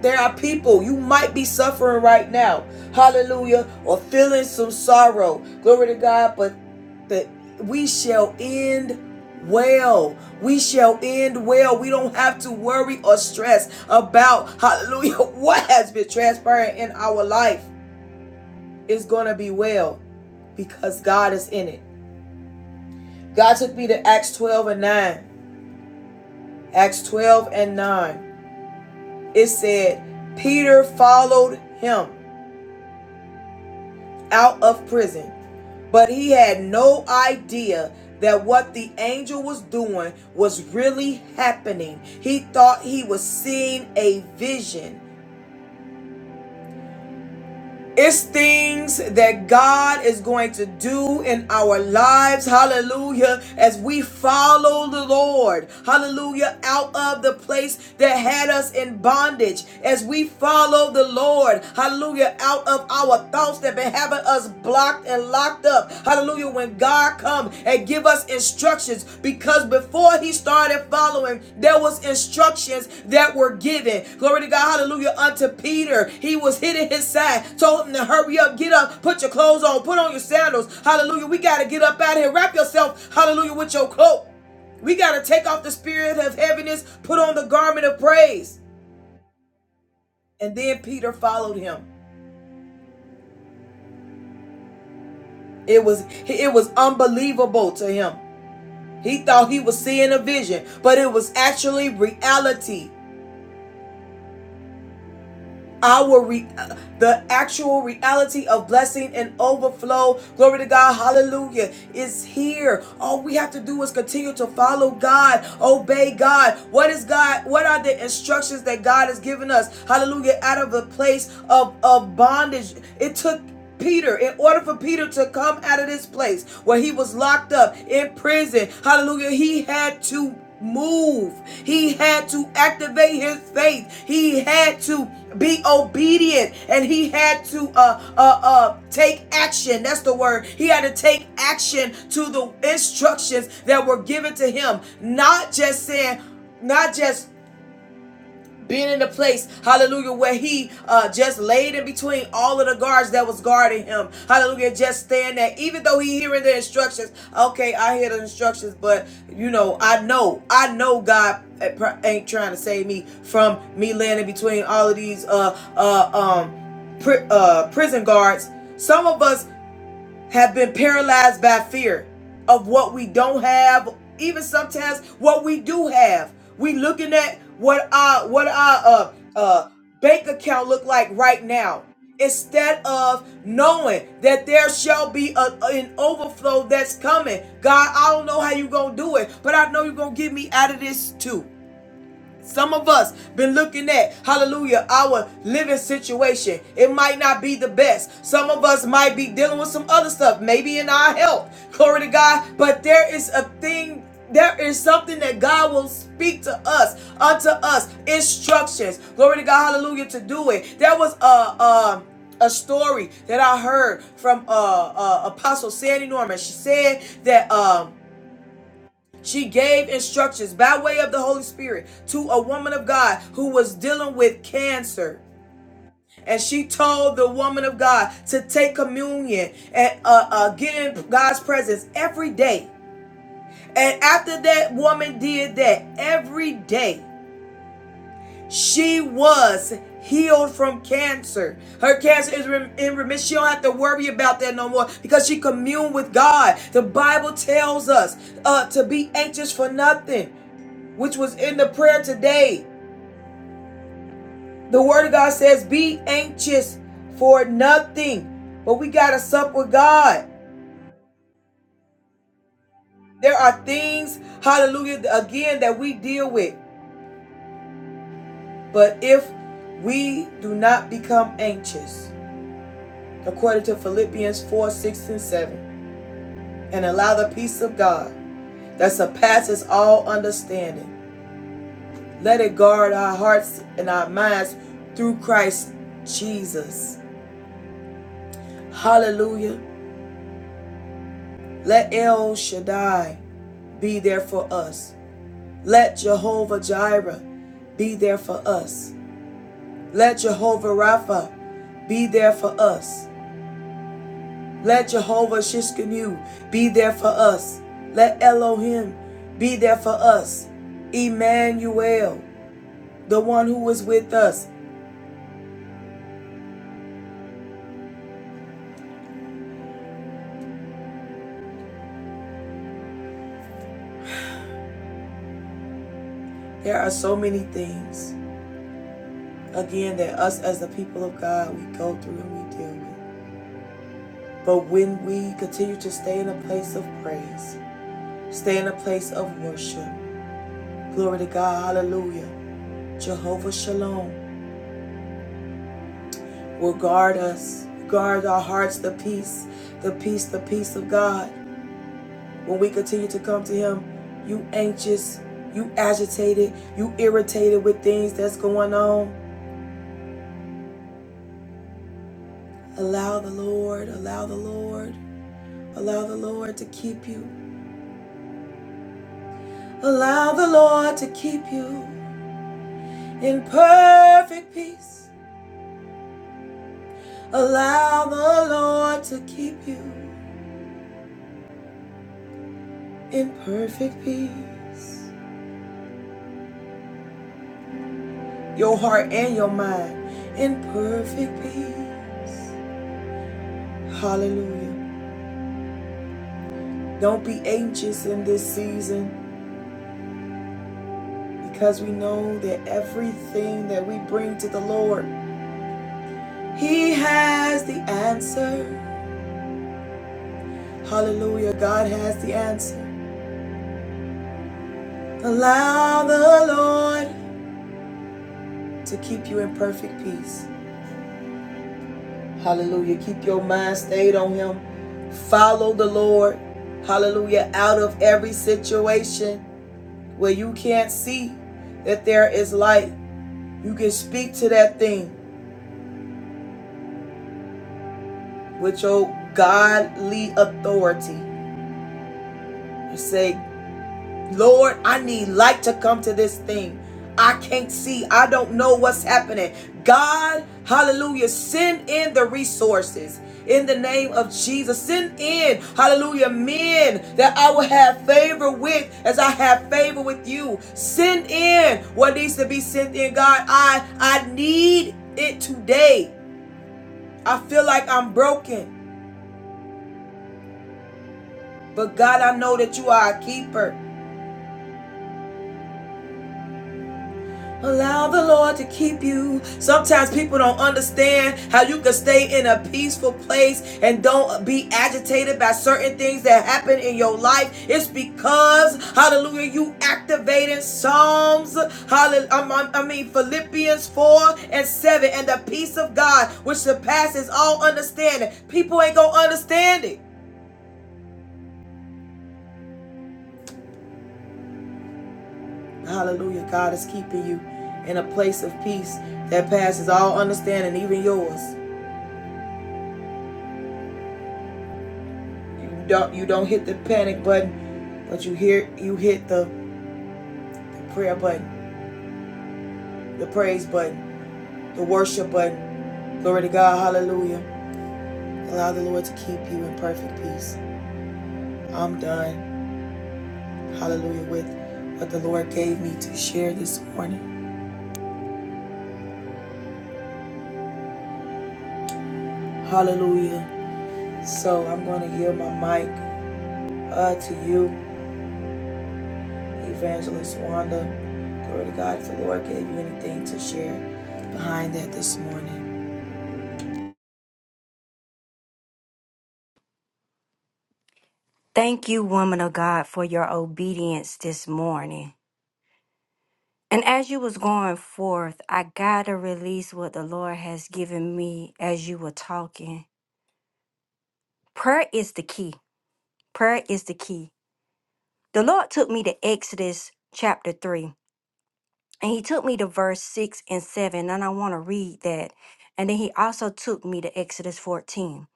there are people you might be suffering right now, hallelujah, or feeling some sorrow. Glory to God, but that we shall end well. We shall end well. We don't have to worry or stress about hallelujah what has been transpiring in our life. It's going to be well because God is in it. God took me to Acts 12 and 9. Acts 12 and 9. It said, Peter followed him out of prison, but he had no idea that what the angel was doing was really happening. He thought he was seeing a vision. It's things that God is going to do in our lives. Hallelujah. As we follow the Lord. Hallelujah. Out of the place that had us in bondage. As we follow the Lord. Hallelujah. Out of our thoughts that been having us blocked and locked up. Hallelujah. When God come and give us instructions, because before he started following, there was instructions that were given. Glory to God. Hallelujah. Unto Peter, he was hitting his side, told him to hurry up, get up, put your clothes on, put on your sandals. Hallelujah. We got to get up out of here. Wrap yourself. Hallelujah. With your cloak. We got to take off the spirit of heaviness, put on the garment of praise. And then Peter followed him. It was it was unbelievable to him. He thought he was seeing a vision, but it was actually reality. Our re- the actual reality of blessing and overflow. Glory to God. Hallelujah. Is here. All we have to do is continue to follow God, obey God. What is God? What are the instructions that God has given us? Hallelujah. Out of a place of, of bondage. It took Peter, in order for Peter to come out of this place where he was locked up in prison, hallelujah, he had to move. He had to activate his faith. He had to be obedient and he had to uh uh uh take action. That's the word. He had to take action to the instructions that were given to him. Not just saying, not just being in the place hallelujah where he uh just laid in between all of the guards that was guarding him hallelujah just stand there even though he hearing the instructions okay i hear the instructions but you know i know i know god ain't trying to save me from me laying in between all of these uh uh um pri- uh, prison guards. Some of us have been paralyzed by fear of what we don't have, even sometimes what we do have. We looking at what our what our uh, uh, bank account look like right now instead of knowing that there shall be a, an overflow that's coming. God, I don't know how you gonna do it, but I know you're gonna get me out of this too. Some of us been looking at, hallelujah, our living situation. It might not be the best. Some of us might be dealing with some other stuff, maybe in our health. Glory to God. But there is a thing there is something that God will speak to us, unto us, instructions. Glory to God, hallelujah, to do it. There was a um a story that I heard from uh, uh Apostle Sandy Norman. She said that um she gave instructions by way of the Holy Spirit to a woman of God who was dealing with cancer. And she told the woman of God to take communion and uh, uh, get in God's presence every day. And after that woman did that every day, she was healed from cancer. Her cancer is rem- in remission. She don't have to worry about that no more because she communed with God. The Bible tells us uh, to be anxious for nothing. which was in the prayer today. The word of God says, Be anxious for nothing. But we got to sup with God. There are things, hallelujah, again, that we deal with. But if we do not become anxious, according to Philippians 4 6 and 7, and allow the peace of God that surpasses all understanding, let it guard our hearts and our minds through Christ Jesus. Hallelujah. Let El Shaddai be there for us. Let Jehovah Jireh be there for us. Let Jehovah Rapha be there for us. Let Jehovah Shishkinu be there for us. Let Elohim be there for us. Emmanuel, the one who is with us. There are so many things, again, that us as the people of God, we go through and we deal with. But when we continue to stay in a place of praise, Stay in a place of worship. Glory to God. Hallelujah. Jehovah Shalom will guard us, guard our hearts, the peace, the peace, the peace of God. When we continue to come to Him, you anxious, you agitated, you irritated with things that's going on. Allow the Lord, allow the Lord, allow the Lord to keep you. Allow the Lord to keep you in perfect peace. Allow the Lord to keep you. in perfect peace. Your heart and your mind in perfect peace. Hallelujah. Don't be anxious in this season because we know that everything that we bring to the Lord, He has the answer. Hallelujah. God has the answer. Allow the Lord to keep you in perfect peace Hallelujah. Keep your mind stayed on Him. Follow the Lord. Hallelujah. Out of every situation where you can't see that there is light, you can speak to that thing with your godly authority. You say, Lord, I need light to come to this thing. I can't see. I don't know what's happening. God, hallelujah, send in the resources in the name of Jesus. Send in, hallelujah, men that I will have favor with as I have favor with you. Send in what needs to be sent in. God, I I need it today. I feel like I'm broken, but God, I know that you are a keeper. Allow the Lord to keep you. Sometimes people don't understand how you can stay in a peaceful place and don't be agitated by certain things that happen in your life. It's because, hallelujah, you activating Psalms, hallelujah, I mean Philippians 4 and 7, and the peace of God which surpasses all understanding. People ain't gonna understand it. Hallelujah, God is keeping you in a place of peace that passes all understanding, even yours. You don't you don't hit the panic button, but you hear you hit the prayer button, the praise button, the worship button. Glory to God, hallelujah. Allow the Lord to keep you in perfect peace. I'm done. Hallelujah with what the Lord gave me to share this morning. Hallelujah. So I'm gonna yield my mic uh, to you, Evangelist Wanda. Glory to God if the Lord gave you anything to share behind that this morning. Thank you, woman of God, for your obedience this morning. And as you was going forth, I gotta release what the Lord has given me as you were talking. Prayer is the key. Prayer is the key. The Lord took me to Exodus chapter 3. And he took me to verse 6 and 7, and I want to read that. And then he also took me to Exodus 14.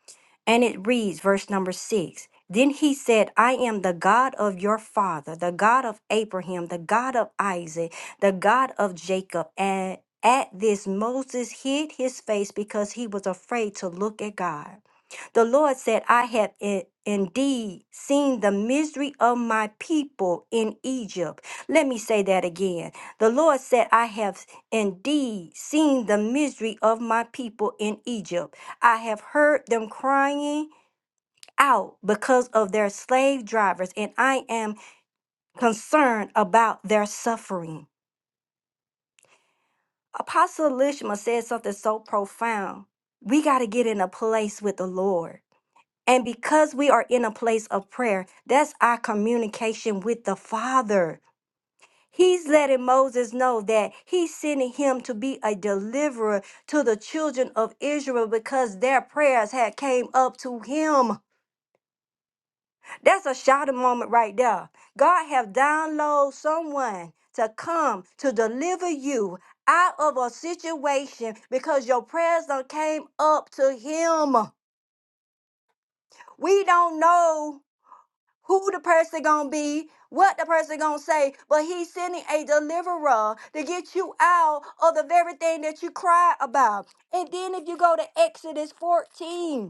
And it reads, verse number 6 Then he said, I am the God of your father, the God of Abraham, the God of Isaac, the God of Jacob. And at this, Moses hid his face because he was afraid to look at God. The Lord said, I have i- indeed seen the misery of my people in Egypt. Let me say that again. The Lord said, I have indeed seen the misery of my people in Egypt. I have heard them crying out because of their slave drivers, and I am concerned about their suffering. Apostle Lishma said something so profound. We got to get in a place with the Lord And because we are in a place of prayer, that's our communication with the Father. He's letting Moses know that he's sending him to be a deliverer to the children of Israel because their prayers had came up to him. That's a shouting moment right there. God have downloaded someone to come to deliver you out of a situation because your prayers done came up to him. We don't know who the person gonna be, what the person gonna say, but he's sending a deliverer to get you out of the very thing that you cry about. And then if you go to Exodus 14.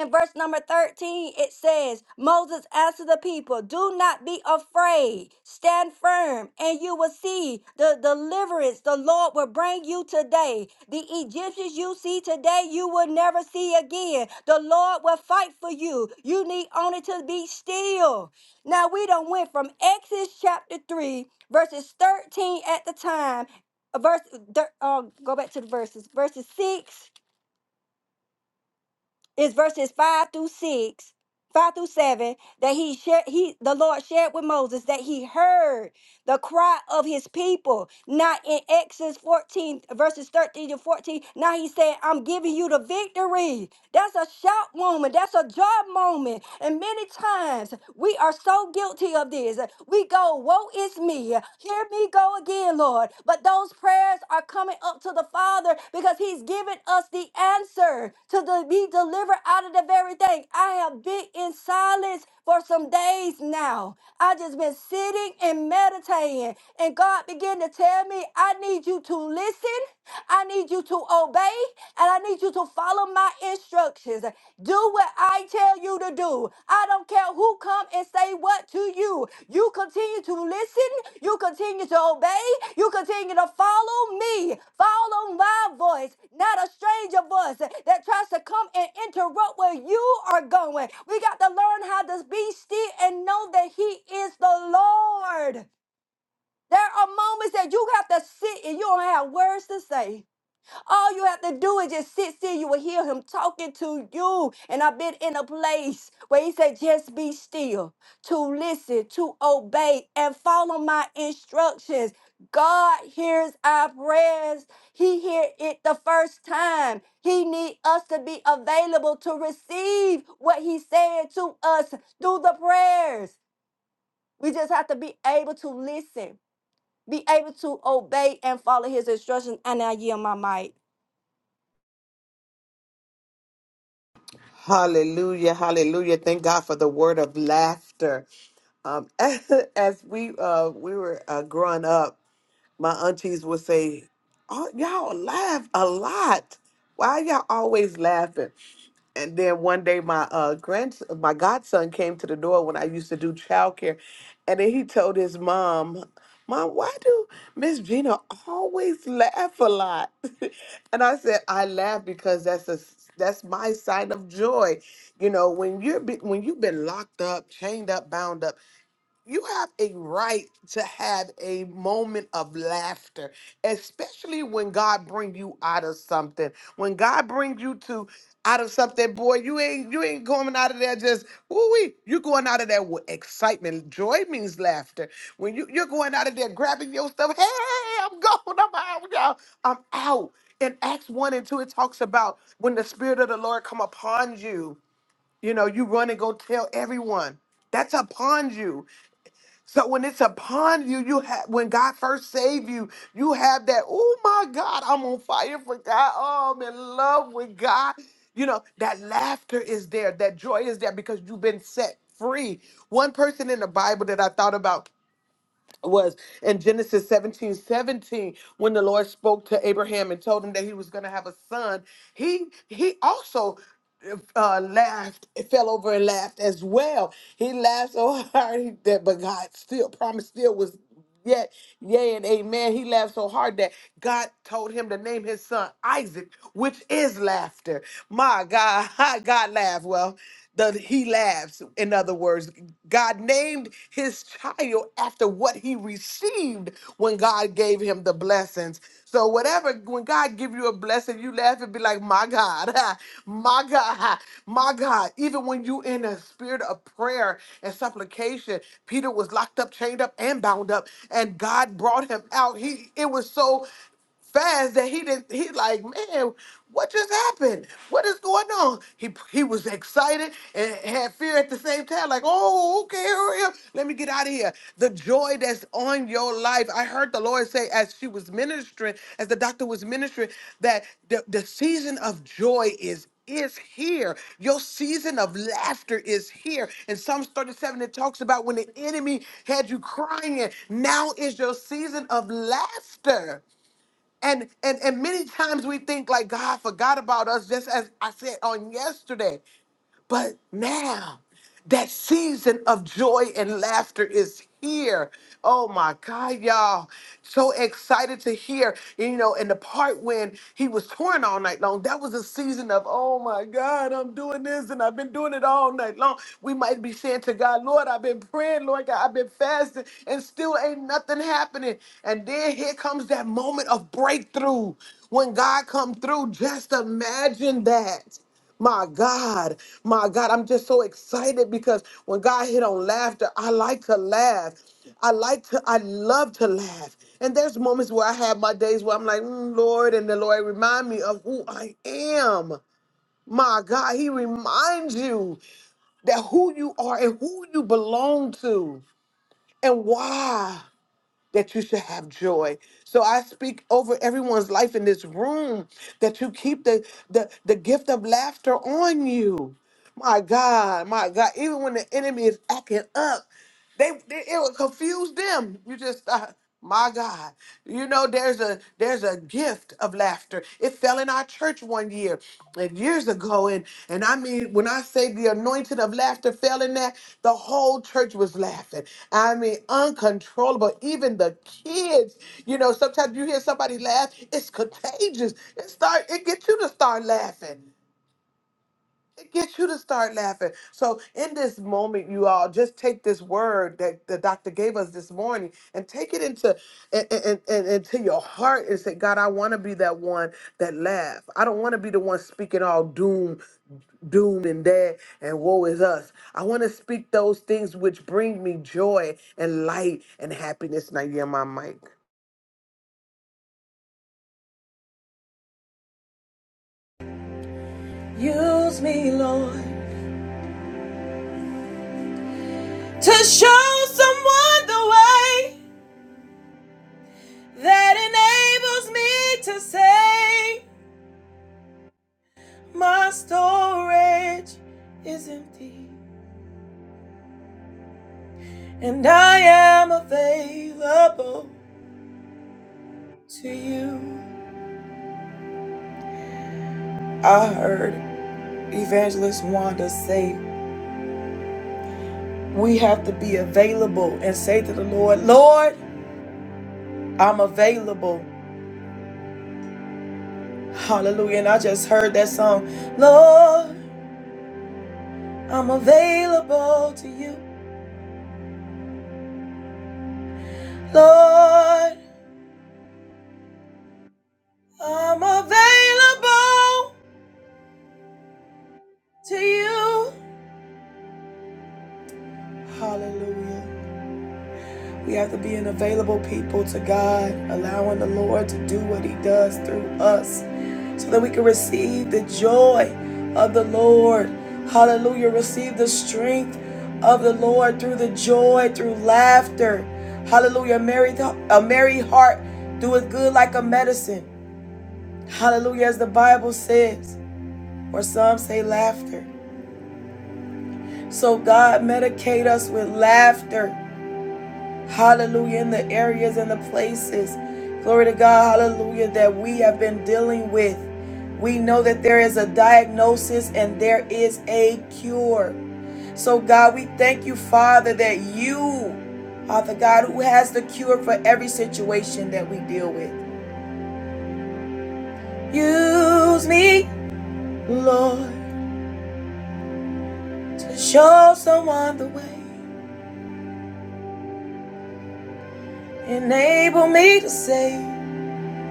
In verse number 13, it says, Moses answered the people, Do not be afraid. Stand firm, and you will see the deliverance the Lord will bring you today. The Egyptians you see today, you will never see again. The Lord will fight for you. You need only to be still. Now, we done went from Exodus chapter 3, verses 13 at the time, uh, verse, thir- uh, go back to the verses, verses 6 it's verses five through six, five through seven that he shared. He the Lord shared with Moses that he heard the cry of his people. Not in Exodus 14, verses 13 to 14. Now he said, I'm giving you the victory. That's a shout moment. That's a joy moment. And many times we are so guilty of this. We go, Woe is me. Hear me go again, Lord. But those prayers are coming up to the Father because he's given us the answer to the, be delivered out of the very thing. I have been in silence for some days now. I just been sitting and meditating meditating. And God began to tell me, I need you to listen, I need you to obey, and I need you to follow my instructions. Do what I tell you to do. I don't care who come and say what to you. You continue to listen, you continue to obey, you continue to follow me. Follow my voice, not a stranger voice that tries to come and interrupt where you are going. We got to learn how to be still and know that he is the Lord. There are moments that you have to sit and you don't have words to say. All you have to do is just sit still. You will hear him talking to you. And I've been in a place where he said, just be still, to listen, to obey, and follow my instructions. God hears our prayers. He hear it the first time. He need us to be available to receive what he's saying to us through the prayers. We just have to be able to listen be able to obey and follow his instructions. And I yield my mic. Hallelujah, hallelujah. Thank God for the word of laughter. Um, as, we uh, we were uh, growing up, my aunties would say, oh, y'all laugh a lot. Why y'all always laughing? And then one day, my uh grand, my godson came to the door when I used to do childcare, and then he told his mom, "Mom, why do Miss Gina always laugh a lot?" and I said, "I laugh because that's a s- that's my sign of joy. You know, when you're be, when you've been locked up, chained up, bound up you have a right to have a moment of laughter especially when god bring you out of something when god brings you to out of something boy you ain't you ain't going out of there just woo wee you're going out of there with excitement joy means laughter when you, you're going out of there grabbing your stuff hey hey, i'm going i'm out y'all i'm out in acts 1 and 2 it talks about when the spirit of the lord come upon you you know you run and go tell everyone that's upon you so when it's upon you, you have when God first saved you, you have that, oh my God, I'm on fire for God. Oh, I'm in love with God. You know, that laughter is there, that joy is there because you've been set free. One person in the Bible that I thought about was in Genesis 17 17 when the Lord spoke to Abraham and told him that he was going to have a son. He he also uh, laughed, fell over and laughed as well. He laughed so hard that, but God still promised still was. Yeah, yea, and amen. He laughed so hard that God told him to name his son Isaac, which is laughter. My God, God laughed. Well, the, he laughs. In other words, God named his child after what he received when God God gave him the blessings. So whatever, when God give you a blessing, you laugh and be like, my God, my God, my God. Even when you in a spirit of prayer and supplication, Peter was locked up, chained up, and bound up, and God brought him out. He, it was so fast that he didn't he like man what just happened what is going on he he was excited and had fear at the same time like oh okay hurry up let me get out of here the joy that's on your life i heard the lord say as she was ministering as the doctor was ministering that the, the season of joy is is here. Your season of laughter is here. In Psalms 37, it talks about when the enemy had you crying, now is your season of laughter. And and and many times we think like God forgot about us, just as I said on yesterday. But now that season of joy and laughter is here. Oh my God, y'all. So excited to hear. You know, And the part when he was touring all night long, that was a season of, oh my God, I'm doing this and I've been doing it all night long. We might be saying to God, Lord, I've been praying, Lord God, I've been fasting, and still ain't nothing happening. And then here comes that moment of breakthrough when God come through. Just imagine that. My God, my God, I'm just so excited because when God hit on laughter, I like to laugh. I like to, I love to laugh. And there's moments where I have my days where I'm like, "Mm, Lord, and the Lord remind me of who I am. My God, He reminds you that who you are and who you belong to and why that you should have joy. So I speak over everyone's life in this room that you keep the the, the gift of laughter on you. My God, my God, even when the enemy is acting up. They, they it would confuse them. You just thought, my God, you know, there's a there's a gift of laughter. It fell in our church one year, and years ago, and and I mean, when I say the anointing of laughter fell in that, the whole church was laughing. I mean, uncontrollable. Even the kids, you know, sometimes you hear somebody laugh, it's contagious. It start it gets you to start laughing it gets you to start laughing. So in this moment, you all just take this word that the doctor gave us this morning and take it into and, and, and into your heart and say, God, I want to be that one that laugh. I don't want to be the one speaking all doom, doom and dead and woe is us. I want to speak those things which bring me joy and light and happiness. Now, yeah, my mic Use me, Lord. to show someone the way that enables me to say my storage is empty and I am available to you. I heard Evangelist Wanda say, We have to be available and say to the Lord, Lord, I'm available. Hallelujah. And I just heard that song, Lord, I'm available to you. Lord, I'm available to you. Hallelujah. We have to be an available people to God, allowing the Lord to do what He does through us so that we can receive the joy of the Lord. Hallelujah. Receive the strength of the Lord through the joy, through laughter. Hallelujah. A merry, th- a merry heart doeth good like a medicine. Hallelujah. As the Bible says, or some say laughter. So, God, medicate us with laughter. Hallelujah. In the areas and the places. Glory to God. Hallelujah. That we have been dealing with. We know that there is a diagnosis and there is a cure. So, God, we thank you, Father, that you are the God who has the cure for every situation that we deal with. Use me, Lord, to show someone the way. Enable me to say,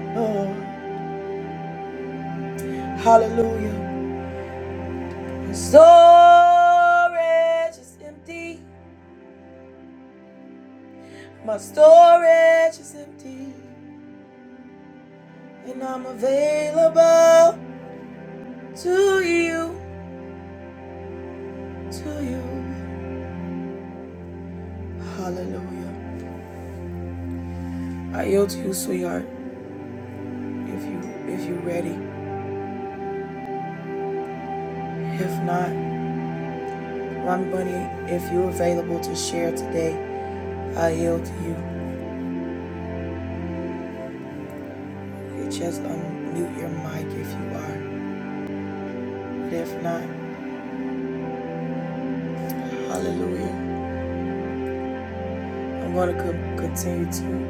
Lord. Hallelujah. My storage is empty. My storage is empty. And I'm available to you, to you. Hallelujah. I yield to you, sweetheart, if you if you're ready. If not, Ron Bunny, if you're available to share today, I yield to you. You just unmute your mic if you are. But if not, hallelujah. I'm gonna co- continue to.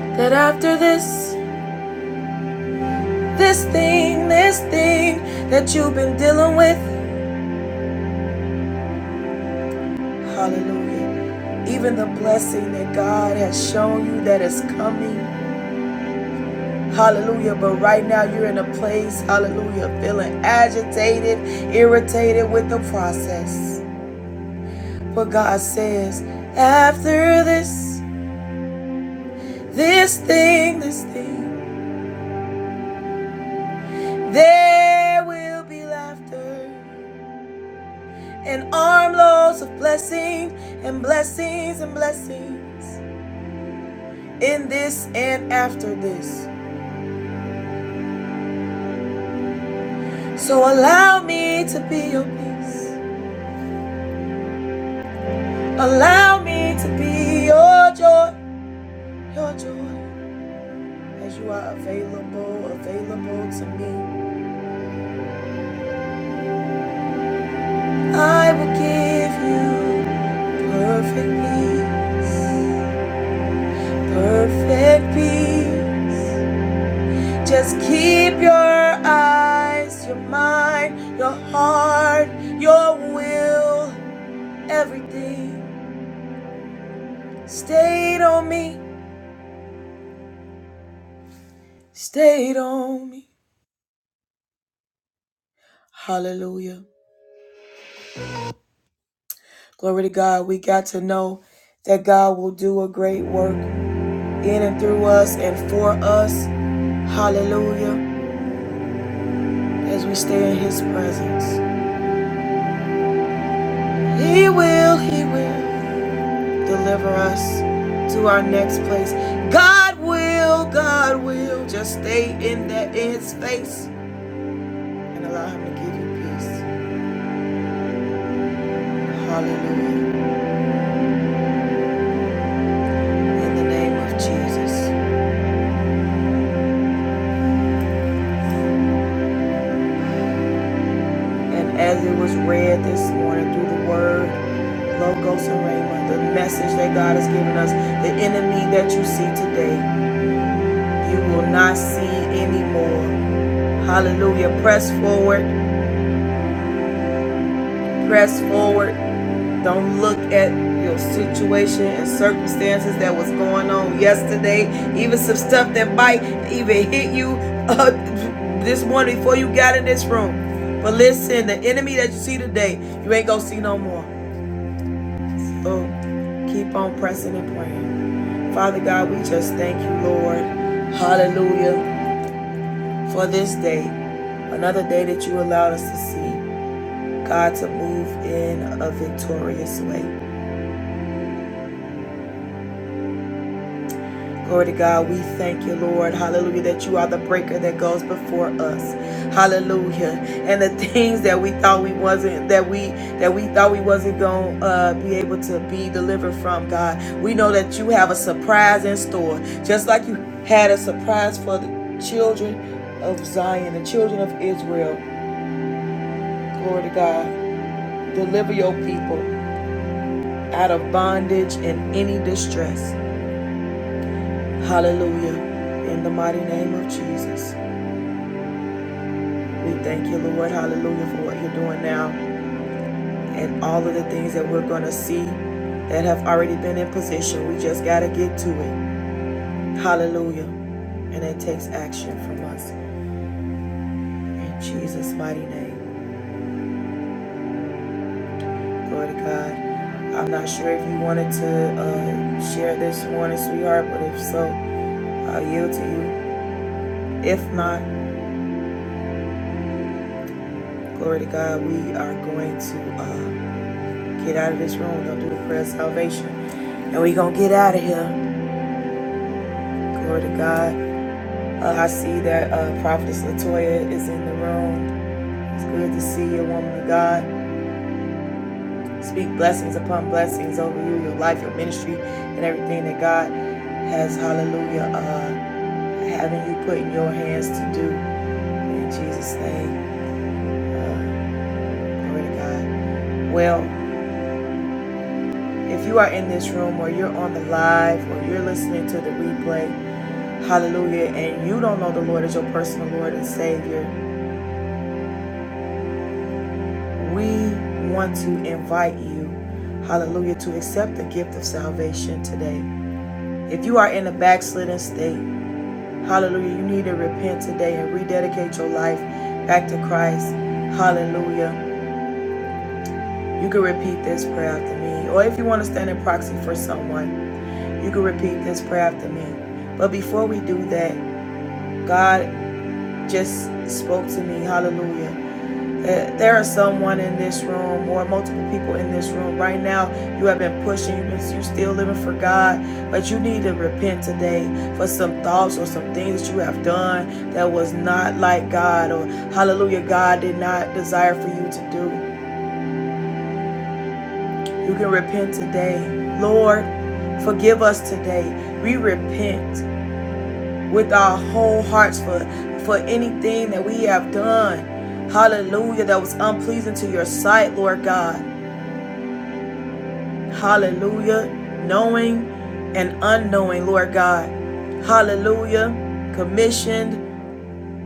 That after this, this thing, this thing that you've been dealing with, hallelujah. Even the blessing that God has shown you that is coming, hallelujah. But right now you're in a place, hallelujah, feeling agitated, irritated with the process. But God says, after this, this thing, this thing, there will be laughter. and armloads of blessing and blessings and blessings in this and after this. So allow me to be your peace. Allow me to be your joy, your joy, as you are available, available to me. I will give you perfect peace, perfect peace. Just keep your eyes, your mind, your heart, your will Everything stayed on me, stayed on me. Hallelujah. Glory to God. We got to know that God will do a great work in and through us and for us. Hallelujah. As we stay in His presence, He will, He will deliver us to our next place. God will, God will. Just stay in that in His face and allow Him to give you peace. Hallelujah. In the name of Jesus. And as it was read this morning through the word, Logos and Rhema, the message that God has given us, the enemy that you see today, you will not see anymore. Hallelujah. Press forward, press forward. Don't look at your situation and circumstances that was going on yesterday, even some stuff that might even hit you uh, this morning before you got in this room. But listen, the enemy that you see today, you ain't gonna see no more. Oh, keep on pressing and praying. Father God, we just thank you, Lord. Hallelujah. For this day, another day that you allowed us to see. God, to move in a victorious way. Glory to God, we thank you, Lord. Hallelujah, that you are the breaker that goes before us. Hallelujah. And the things that we thought we wasn't, that we that we thought we wasn't gonna uh, be able to be delivered from, God. We know that you have a surprise in store, just like you had a surprise for the children of Zion, the children of Israel. Glory to God. Deliver your people out of bondage and any distress. Hallelujah. In the mighty name of Jesus. We thank you, Lord, hallelujah, for what you're doing now and all of the things that we're going to see that have already been in position. We just got to get to it. Hallelujah. And it takes action from us in Jesus' mighty name. Glory to God. I'm not sure if you wanted to uh, share this morning, sweetheart, but if so, I'll yield to you. If not, glory to God, we are going to uh, get out of this room. Gonna do the prayer of salvation. And we're going to get out of here. Glory to God. Uh, I see that uh, Prophetess Latoya is in the room. It's good to see you, woman of God. Speak blessings upon blessings over you, your life, your ministry, and everything that God has, hallelujah, uh, having you put in your hands to do. In Jesus' name, uh, glory to God. Well, if you are in this room or you're on the live or you're listening to the replay, hallelujah, and you don't know the Lord as your personal Lord and Savior, We want to invite you, hallelujah, to accept the gift of salvation today. If you are in a backslidden state, hallelujah, you need to repent today and rededicate your life back to Christ. Hallelujah. You can repeat this prayer after me. Or if you want to stand in proxy for someone, you can repeat this prayer after me. But before we do that, God just spoke to me, hallelujah. Uh, There is someone in this room or multiple people in this room right now. You have been pushing, you've been you still living for God, but you need to repent today for some thoughts or some things that you have done that was not like God or hallelujah, God did not desire for you to do. You can repent today. Lord, forgive us today. We repent with our whole hearts for for anything that we have done. Hallelujah, that was unpleasing to your sight, Lord God. Hallelujah. Knowing and unknowing, Lord God. Hallelujah. Commissioned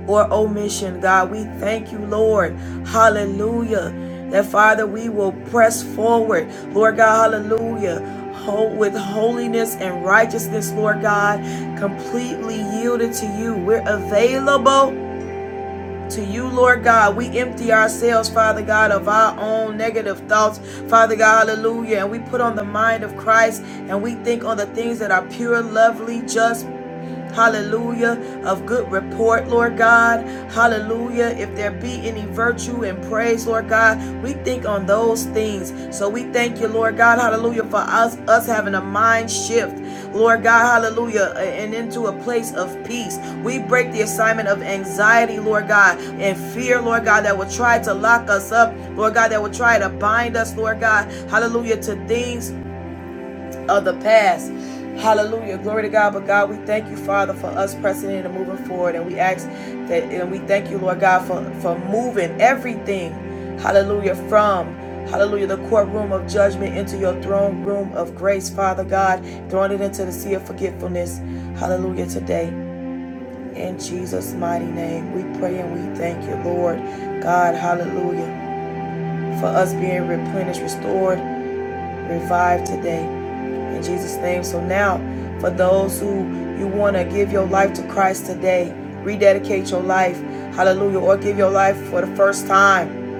or omission, God. We thank you, Lord. Hallelujah. That Father, we will press forward, Lord God. Hallelujah. With holiness and righteousness, Lord God, completely yielded to you. We're available to you, Lord God. We empty ourselves, Father God, of our own negative thoughts, Father God, hallelujah. And we put on the mind of Christ and we think on the things that are pure, lovely, just, Hallelujah. Of good report, Lord God. Hallelujah. If there be any virtue and praise, Lord God, we think on those things. So we thank you, Lord God. Hallelujah. For us, us having a mind shift. Lord God, hallelujah, and into a place of peace. We break the assignment of anxiety, Lord God, and fear, Lord God, that will try to lock us up, Lord God, that will try to bind us, Lord God, hallelujah, to things of the past. Hallelujah. Glory to God. But God, we thank you, Father, for us pressing in and moving forward. And we ask that, and we thank you, Lord God, for, for moving everything, hallelujah, from, hallelujah, the courtroom of judgment into your throne room of grace, Father God, throwing it into the sea of forgetfulness. Hallelujah today. In Jesus' mighty name, we pray and we thank you, Lord God. Hallelujah. For us being replenished, restored, revived today in Jesus' name. So now, for those who you want to give your life to Christ today, rededicate your life, hallelujah, or give your life for the first time,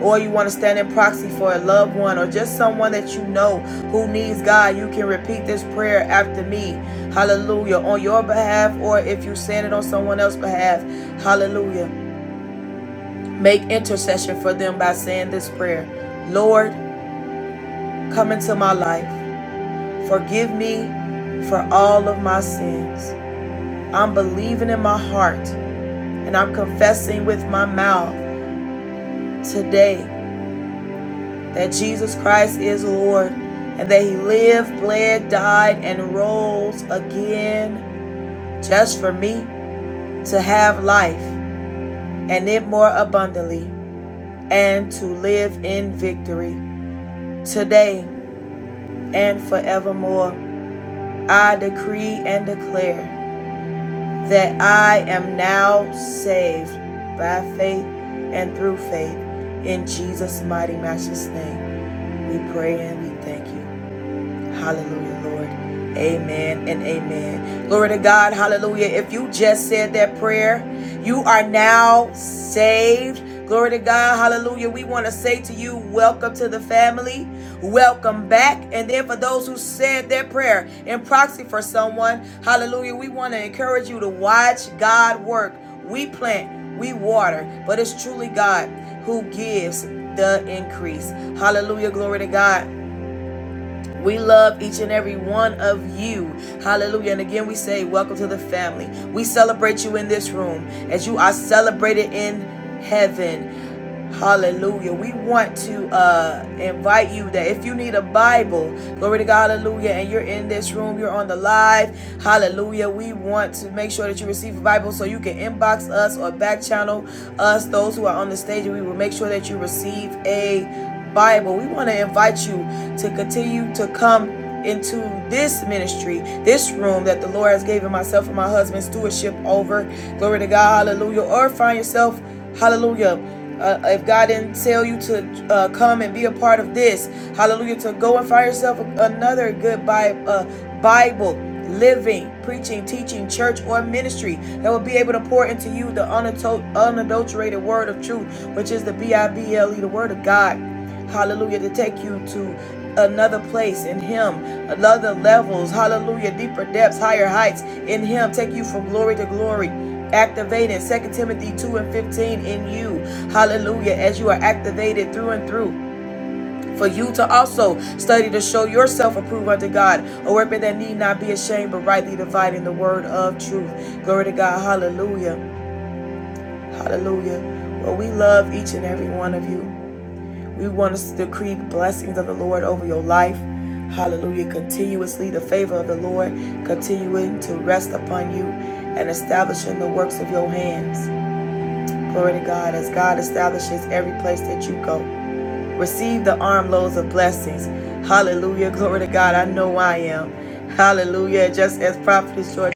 or you want to stand in proxy for a loved one or just someone that you know who needs God, you can repeat this prayer after me, hallelujah, on your behalf, or if you saying it on someone else's behalf, hallelujah. Make intercession for them by saying this prayer Lord, come into my life. Forgive me for all of my sins. I'm believing in my heart and I'm confessing with my mouth today that Jesus Christ is Lord and that He lived, bled, died, and rose again just for me to have life and it more abundantly and to live in victory today and forevermore. I decree and declare. that I am now saved by faith and through faith in Jesus' mighty, matchless name. We pray and we thank you. Hallelujah, Lord. Amen and amen. Glory to God. Hallelujah. If you just said that prayer, you are now saved. Glory to God. Hallelujah. We want to say to you, welcome to the family. Welcome back. And then for those who said their prayer in proxy for someone, hallelujah, we want to encourage you to watch God work. We plant, we water, but it's truly God who gives the increase. Hallelujah. Glory to God. We love each and every one of you. Hallelujah. And again, we say, Welcome to the family. We celebrate you in this room as you are celebrated in heaven. Hallelujah. We want to uh, invite you that if you need a Bible, glory to God, hallelujah, and you're in this room, you're on the live, hallelujah. We want to make sure that you receive a Bible so you can inbox us or back channel us, those who are on the stage, and we will make sure that you receive a Bible. We want to invite you to continue to come into this ministry, this room that the Lord has given myself and my husband stewardship over. Glory to God, hallelujah. Or find yourself, hallelujah. Uh, if God didn't tell you to uh, come and be a part of this, hallelujah, to go and find yourself another good Bi- uh, Bible, living, preaching, teaching, church, or ministry that will be able to pour into you the unadulterated word of truth, which is the B I B L E, the word of God hallelujah, to take you to another place in Him, another levels, hallelujah, deeper depths, higher heights in Him, take you from glory to glory. Activated Second Timothy 2 and 15 in you, hallelujah, as you are activated through and through. For you to also study to show yourself approved unto God, a workman that need not be ashamed, but rightly dividing the word of truth. Glory to God. Hallelujah. Hallelujah. Well, we love each and every one of you. We want to decree the blessings of the Lord over your life. Hallelujah. Continuously, the favor of the Lord continuing to rest upon you and establishing the works of your hands. Glory to God as God establishes every place that you go. Receive the armloads of blessings. Hallelujah. Glory to God. I know I am. Hallelujah. Just as Prophet George.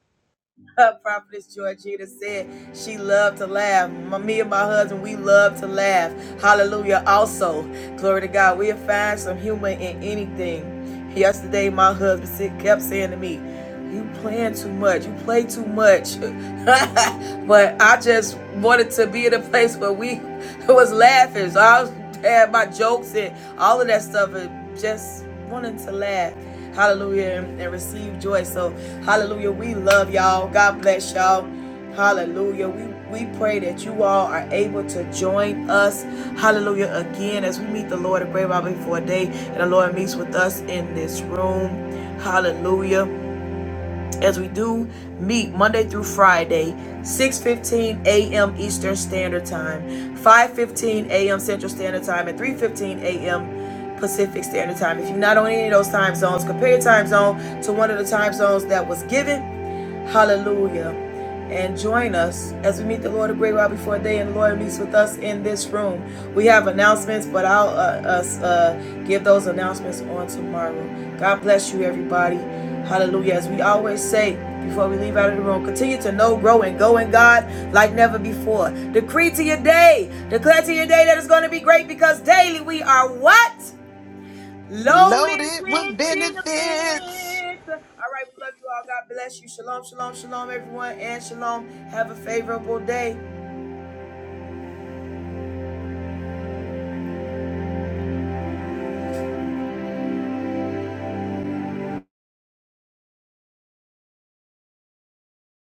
Prophetess Georgina said she loved to laugh. My- Me and my husband, we love to laugh. Hallelujah. Also, glory to God, we'll find some humor in anything. Yesterday, my husband kept saying to me, You playing too much. You play too much. but I just wanted to be in a place where we was laughing. So I was, had my jokes and all of that stuff and just wanted to laugh. Hallelujah and, and receive joy. So hallelujah. We love y'all. God bless y'all. Hallelujah. We we pray that you all are able to join us. Hallelujah. Again, as we meet the Lord at Great Bible for a day and the Lord meets with us in this room. Hallelujah as we do meet Monday through Friday, 6:15 a.m. Eastern Standard Time, 5:15 a.m. Central Standard Time, and 3:15 a.m. Pacific Standard Time. If you're not on any of those time zones, compare your time zone to one of the time zones that was given. Hallelujah and join us as we meet the Lord a great while before day and the Lord meets with us in this room. We have announcements, but I'll uh, us uh, give those announcements on tomorrow. God bless you, everybody. Hallelujah. As we always say before we leave out of the room, continue to know, grow, and go in God like never before. Decree to your day, declare to your day that it's going to be great because daily we are what? Loaded loaded with with benefits. benefits. All right, we love you all. God bless you. Shalom, shalom, shalom, everyone, and shalom. Have a favorable day.